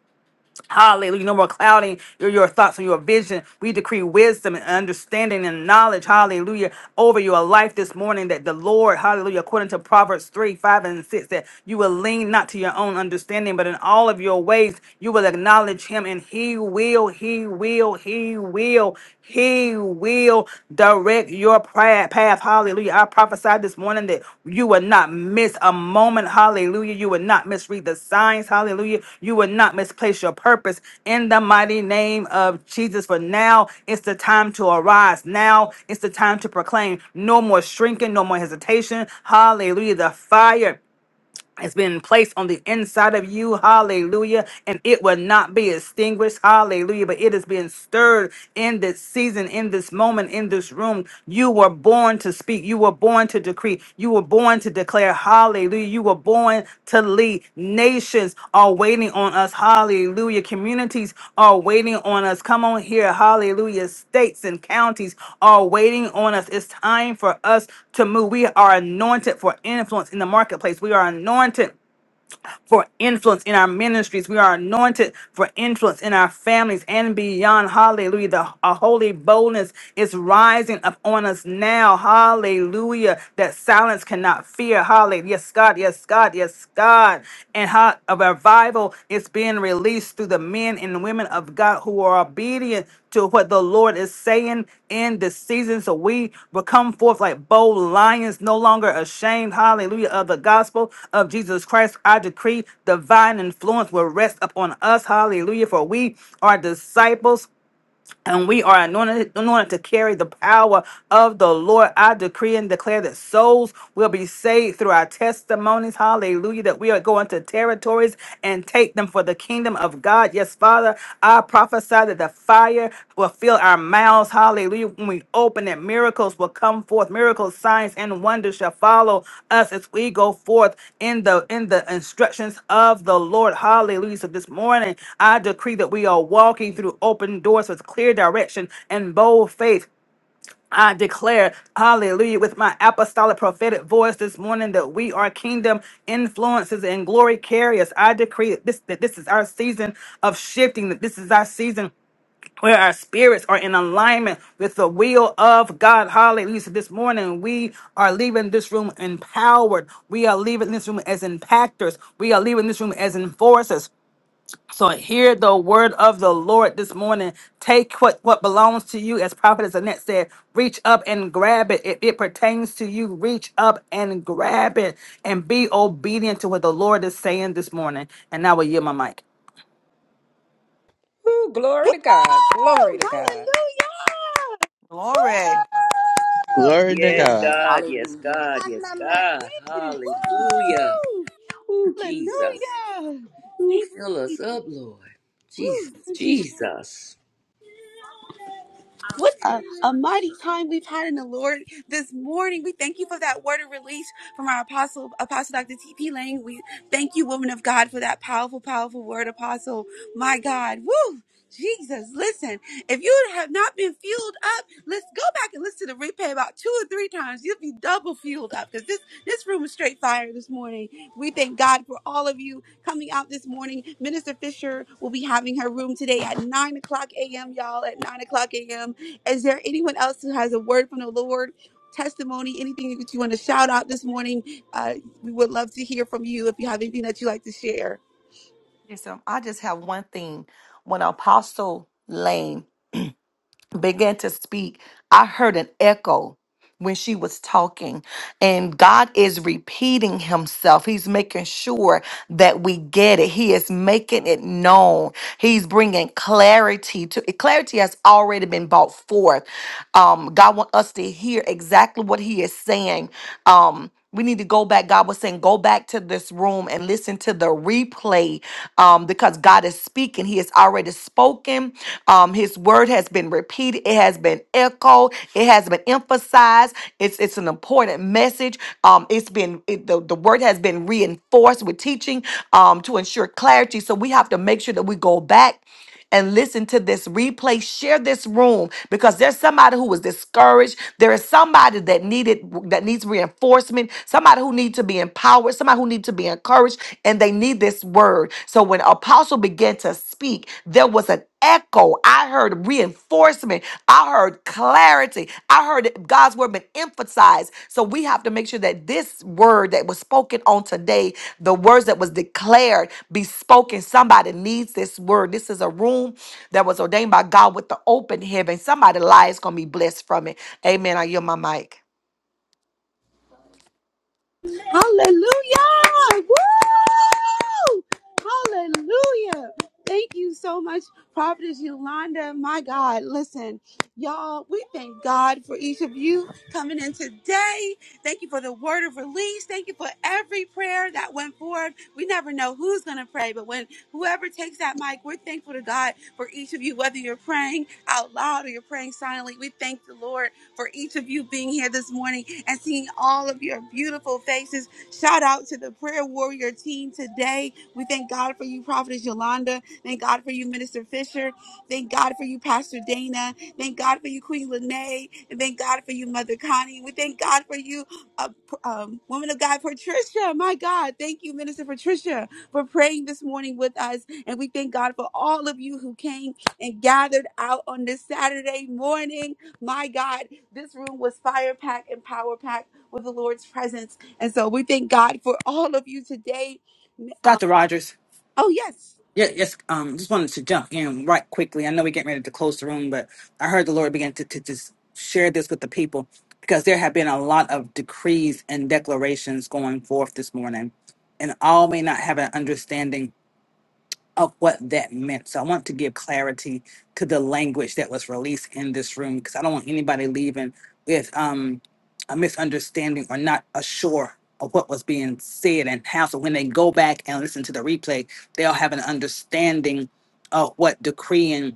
Hallelujah. No more clouding your, your thoughts or your vision. We decree wisdom and understanding and knowledge, hallelujah, over your life this morning that the Lord, hallelujah, according to Proverbs 3, 5, and 6, that you will lean not to your own understanding, but in all of your ways you will acknowledge him and he will, he will, he will, he will Direct your prayer path. Hallelujah. I prophesy this morning that you will not miss a moment. Hallelujah. You will not misread the signs. Hallelujah. You will not misplace your purpose in the mighty name of Jesus. For now, it's the time to arise. Now, it's the time to proclaim. No more shrinking, no more hesitation. Hallelujah. The fire. It's been placed on the inside of you. Hallelujah. And it will not be extinguished. Hallelujah. But it is being stirred in this season, in this moment, in this room. You were born to speak. You were born to decree. You were born to declare. Hallelujah. You were born position to lead. Nations are waiting on us. Hallelujah. Communities are waiting on us. Come on here. Hallelujah. States and counties are waiting on us. It's time for us to move. We are anointed for influence in the marketplace. We are anointed for influence in our ministries. We are anointed for influence in our families and beyond. Hallelujah. The a holy boldness is rising up on us now. Hallelujah. That silence cannot fear. Hallelujah. Yes, God. Yes, God. Yes, God. And how a revival is being released through the men and women of God who are obedient to what the Lord is saying in this season. So we will come forth like bold lions, no longer ashamed. Hallelujah. Of the gospel of Jesus Christ. I decree divine influence will rest upon us. Hallelujah. For we are disciples and we are anointed, anointed to carry the power of the Lord. I decree and declare that souls will be saved through our testimonies. Hallelujah. That we are going to territories and take them for the kingdom of God. Yes, Father, I prophesy that the fire will fill our mouths house. Hallelujah. When we open it, miracles will come forth. Miracles, signs, and wonders shall follow us as we go forth in the in the instructions of the Lord. Hallelujah. So this morning I decree that we are walking through open doors with clear direction and bold faith. I declare, hallelujah, with my apostolic prophetic voice this morning that we are kingdom influences and glory carriers. I decree that this, that this is our season of shifting, that this is our season where our spirits are in alignment with the will of God. Hallelujah. So This morning, we are leaving this room empowered. We are leaving this room as impactors. We are leaving this room as enforcers. So hear the word of the Lord this morning. Take what, what belongs to you, as Prophet Annette said, reach up and grab it. If it pertains to you, reach up and grab it and be obedient to what the Lord is saying this morning. And now will yield my mic. Woo, glory to God. Glory to Woo! God. Hallelujah! Woo! Glory. Glory to Yes, God. God. Yes, Hallelujah. God. Yes, God. Woo! Hallelujah. Oh, Jesus. Hallelujah! Oh, Thank, fill us up, Lord. woo, Jesus. thank you, Jesus. What a, a mighty time we've had in the Lord this morning. We thank you for that word of release from our apostle, Apostle Dr. T.P. Lane. We thank you, woman of God, for that powerful, powerful word, Apostle. My God. Woo! Jesus, listen, if you have not been fueled up, Let's go back and listen to the replay about two or three times. You'll be double fueled up because this this room is straight fire this morning. We thank God for all of you coming out this morning. Minister Fisher will be having her room today at nine o'clock a.m. Y'all at nine o'clock a.m. Is there anyone else who has a word from the Lord? Testimony, anything that you want to shout out this morning, uh, we would love to hear from you if you have anything that you like to share. Yes, um, I just have one thing. When Apostle Lane began to speak, I heard an echo when she was talking, and God is repeating Himself. He's making sure that we get it. He is making it known. He's bringing clarity to clarity has already been brought forth. Um, God wants us to hear exactly what He is saying. Um, we need to go back. God was saying, go back to this room and listen to the replay um, because God is speaking. He has already spoken. Um, his word has been repeated. It has been echoed. It has been emphasized. It's it's an important message. Um, it's been it, the, the word has been reinforced with teaching um, to ensure clarity. So we have to make sure that we go back and listen to this replay. Share this room because there's somebody who was discouraged. There is somebody that needed that needs reinforcement. Somebody who needs to be empowered. Somebody who needs to be encouraged, and they need this word. So when Apostle began to speak, there was an echo. I heard reinforcement. I heard clarity. I heard that God's word been emphasized. So we have to make sure that this word that was spoken on today, the words that was declared, be spoken. Somebody needs this word. This is a room that was ordained by God with the open heaven. Somebody lives gonna be blessed from it. Amen. I yield my mic. Hallelujah. Woo! Hallelujah. Thank you so much, Prophetess Yolanda. My God, listen, y'all, we thank God for each of you coming in today. Thank you for the word of release. Thank you for every prayer that went forward. We never know who's going to pray, but when whoever takes that mic, we're thankful to God for each of you, whether you're praying out loud or you're praying silently. We thank the Lord for each of you being here this morning and seeing all of your beautiful faces. Shout out to the prayer warrior team today. We thank God for you, Prophetess Yolanda. Thank God for you, Minister Fisher. Thank God for you, Pastor Dana. Thank God for you, Queen Lene. And thank God for you, Mother Connie. We thank God for you, uh, um, woman of God, Patricia. My God, thank you, Minister Patricia, for praying this morning with us. And we thank God for all of you who came and gathered out on this Saturday morning. My God, this room was fire packed and power packed with the Lord's presence. And so we thank God for all of you today. Um, Dr. Rogers. oh, yes. Yeah, yes. Um, just wanted to jump in right quickly. I know we're getting ready to close the room, but I heard the Lord begin to, to just share this with the people because there have been a lot of decrees and declarations going forth this morning, and all may not have an understanding of what that meant. So I want to give clarity to the language that was released in this room because I don't want anybody leaving with um, a misunderstanding or not assured of what was being said and how. So when they go back and listen to the replay, they'll have an understanding of what decreeing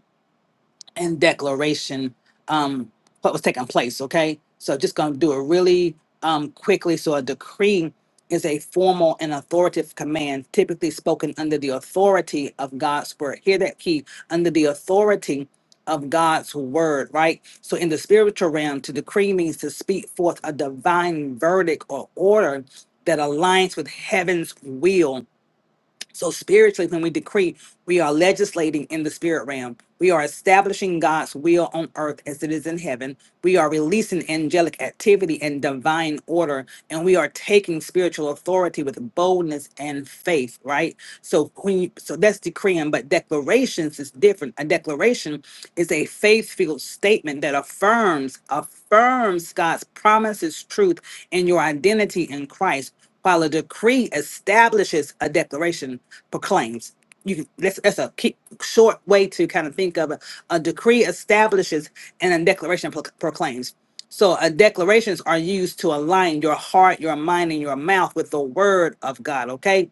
and declaration um what was taking place okay so just gonna do it really um quickly so a decree is a formal and authoritative command typically spoken under the authority of god's word hear that key under the authority of god's word right so in the spiritual realm to decree means to speak forth a divine verdict or order that aligns with heaven's will so spiritually, when we decree, we are legislating in the spirit realm. We are establishing God's will on earth as it is in heaven. We are releasing angelic activity and divine order, and we are taking spiritual authority with boldness and faith. Right. So when you, so that's decreeing, but declarations is different. A declaration is a faith-filled statement that affirms affirms God's promises, truth, and your identity in Christ while a decree establishes a declaration proclaims. You can, that's, that's a key, short way to kind of think of it. A decree establishes and a declaration pro- proclaims. So, uh, declarations are used to align your heart, your mind, and your mouth with the word of God. Okay,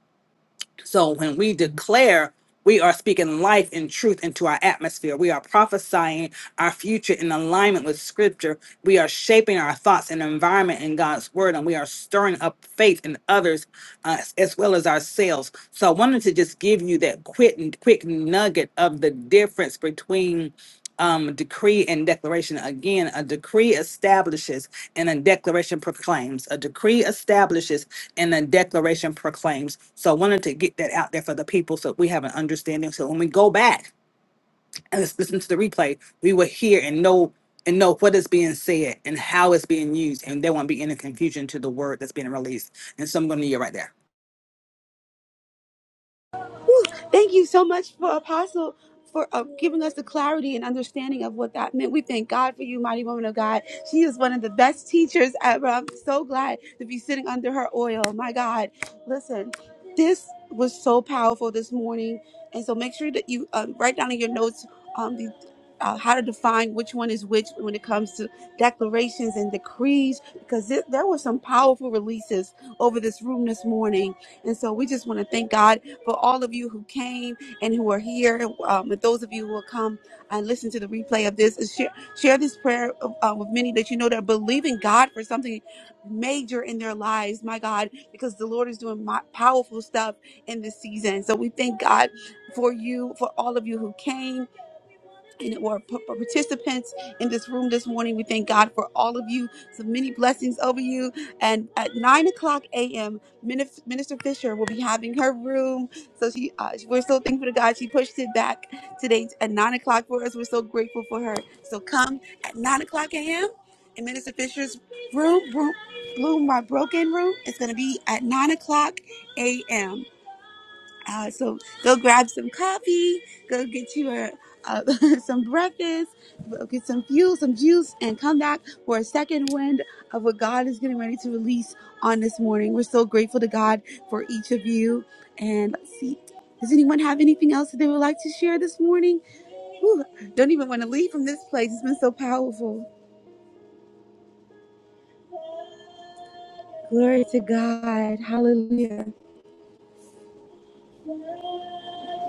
so when we declare, we are speaking life and truth into our atmosphere. We are prophesying our future in alignment with scripture. We are shaping our thoughts and environment in God's word, and we are stirring up faith in others uh, as well as ourselves. So I wanted to just give you that quick quick nugget of the difference between um, decree and declaration. Again, a decree establishes and a declaration proclaims. A decree establishes and a declaration proclaims. So I wanted to get that out there for the people so we have an understanding. So when we go back and let's listen to the replay, we will hear and know and know what is being said and how it's being used. And there won't be any confusion to the word that's being released. And so I'm gonna leave yield right there. Whew. Thank you so much for Apostle for uh, giving us the clarity and understanding of what that meant. We thank God for you, mighty woman of God. She is one of the best teachers ever. I'm so glad to be sitting under her oil. My God, listen, this was so powerful this morning, and so make sure that you um, write down in your notes um, the. Uh, how to define which one is which when it comes to declarations and decrees, because th- there were some powerful releases over this room this morning. And so we just want to thank God for all of you who came and who are here, um, and those of you who will come and listen to the replay of this. share, share this prayer uh, with many that you know that are believing God for something major in their lives, my God, because the Lord is doing my, powerful stuff in this season. So we thank God for you, for all of you who came and or p- participants in this room this morning. We thank God for all of you. So many blessings over you. And at nine o'clock a.m., Minif- Minister Fisher will be having her room. So she, uh, we're so thankful to God. She pushed it back today at nine o'clock for us. We're so grateful for her. So come at nine o'clock a.m. in Minister Fisher's room. room room, my broken room. It's going to be at 9 o'clock a.m. Uh, so go grab some coffee, go get your uh, some breakfast, go get some fuel, some juice, and come back for a second wind of what God is getting ready to release on this morning. We're so grateful to God for each of you. And let's see, does anyone have anything else that they would like to share this morning? Whew, don't even want to leave from this place. It's been so powerful. Glory to God. Hallelujah.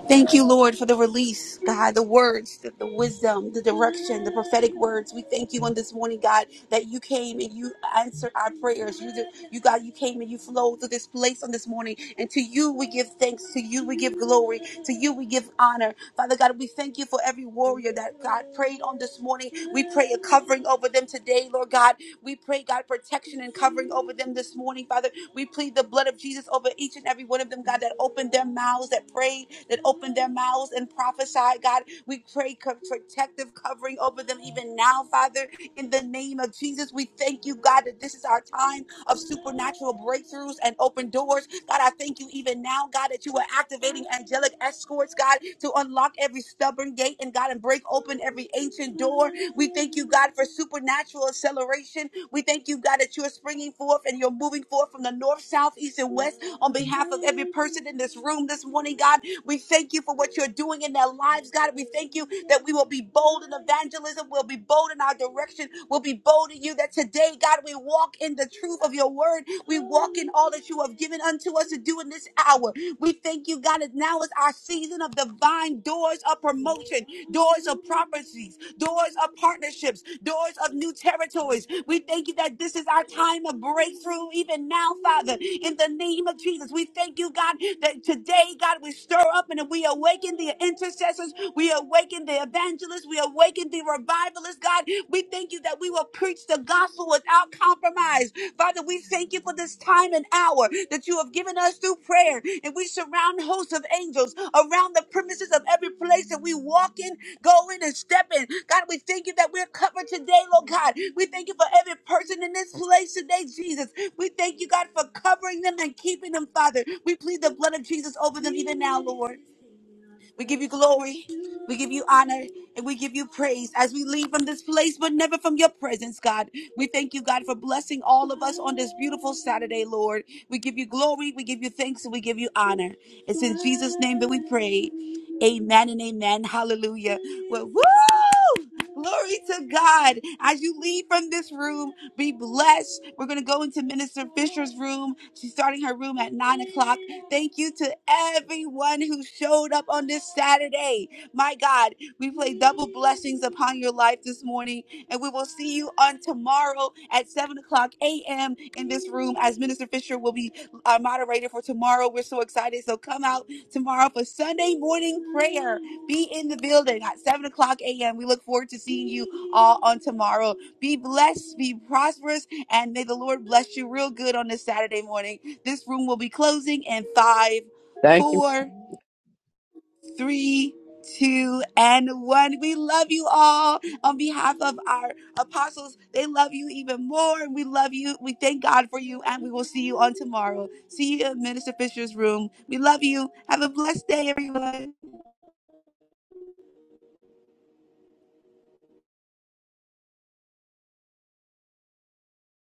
Thank you, Lord, for the release, God, the words, the, the wisdom, the direction, the prophetic words. We thank you on this morning, God, that you came and you answered our prayers. You, did- you God, you came and you flowed through this place on this morning. And to you we give thanks. To you we give glory. To you we give honor. Father God, we thank you for every warrior that God prayed on this morning morning. We pray a covering over them today, Lord God. We pray, God, protection and covering over them this morning, Father. We plead the blood of Jesus over each and every one of them, God, that opened their mouths, that prayed, that opened their mouths and prophesied, God. We pray co- protective covering over them even now, Father, in the name of Jesus. We thank you, God, that this is our time of supernatural breakthroughs and open doors. God, I thank you even now, God, that you are activating angelic escorts, God, to unlock every stubborn gate and God, and break open every ancient door we thank you, God, for supernatural acceleration. We thank you, God, that you are springing forth and you're moving forth from the north, south, east, and west on behalf of every person in this room this morning, God. We thank you for what you're doing in their lives, God. We thank you that we will be bold in evangelism. We'll be bold in our direction. We'll be bold in you that today, God, we walk in the truth of your word. We walk in all that you have given unto us to do in this hour. We thank you, God, that now is our season of divine doors of promotion, doors of prophecies, doors of partnerships, doors of new territories. We thank you that this is our time of breakthrough, even now, Father, in the name of Jesus. We thank you, God, that today, God, we stir up and we awaken the intercessors, we awaken the evangelists, we awaken the revivalists, God. We thank you that we will preach the gospel without compromise. Father, we thank you for this time and hour that you have given us through prayer, and we surround hosts of angels around the premises of every place that we walk in, go in, and step in. God, we thank you that we're covered today, Lord God. We thank you for every person in this place today, Jesus. We thank you, God, for covering them and keeping them, Father. We plead the blood of Jesus over them even now, Lord. We give you glory, we give you honor, and we give you praise as we leave from this place, but never from your presence, God. We thank you, God, for blessing all of us on this beautiful Saturday, Lord. We give you glory, we give you thanks, and we give you honor. It's in Jesus' name that we pray. Amen and amen. Hallelujah. Well, woo! Glory to God. As you leave from this room, be blessed. We're going to room. She's starting her room at nine o'clock. Thank you to everyone who showed up on this Saturday. My God, we play double blessings upon your life this morning, and we will see you on tomorrow at seven o'clock a.m. in this room as Minister Fisher will be our moderator for tomorrow. We're so excited. So come out tomorrow for Sunday morning prayer. Be in the building at seven o'clock a.m. We look forward to seeing you all on tomorrow. Be blessed, be prosperous, and may the Lord bless you real good on this Saturday room will be in five, Thank you. four, three, two, one. Go. Um, apostles, see you.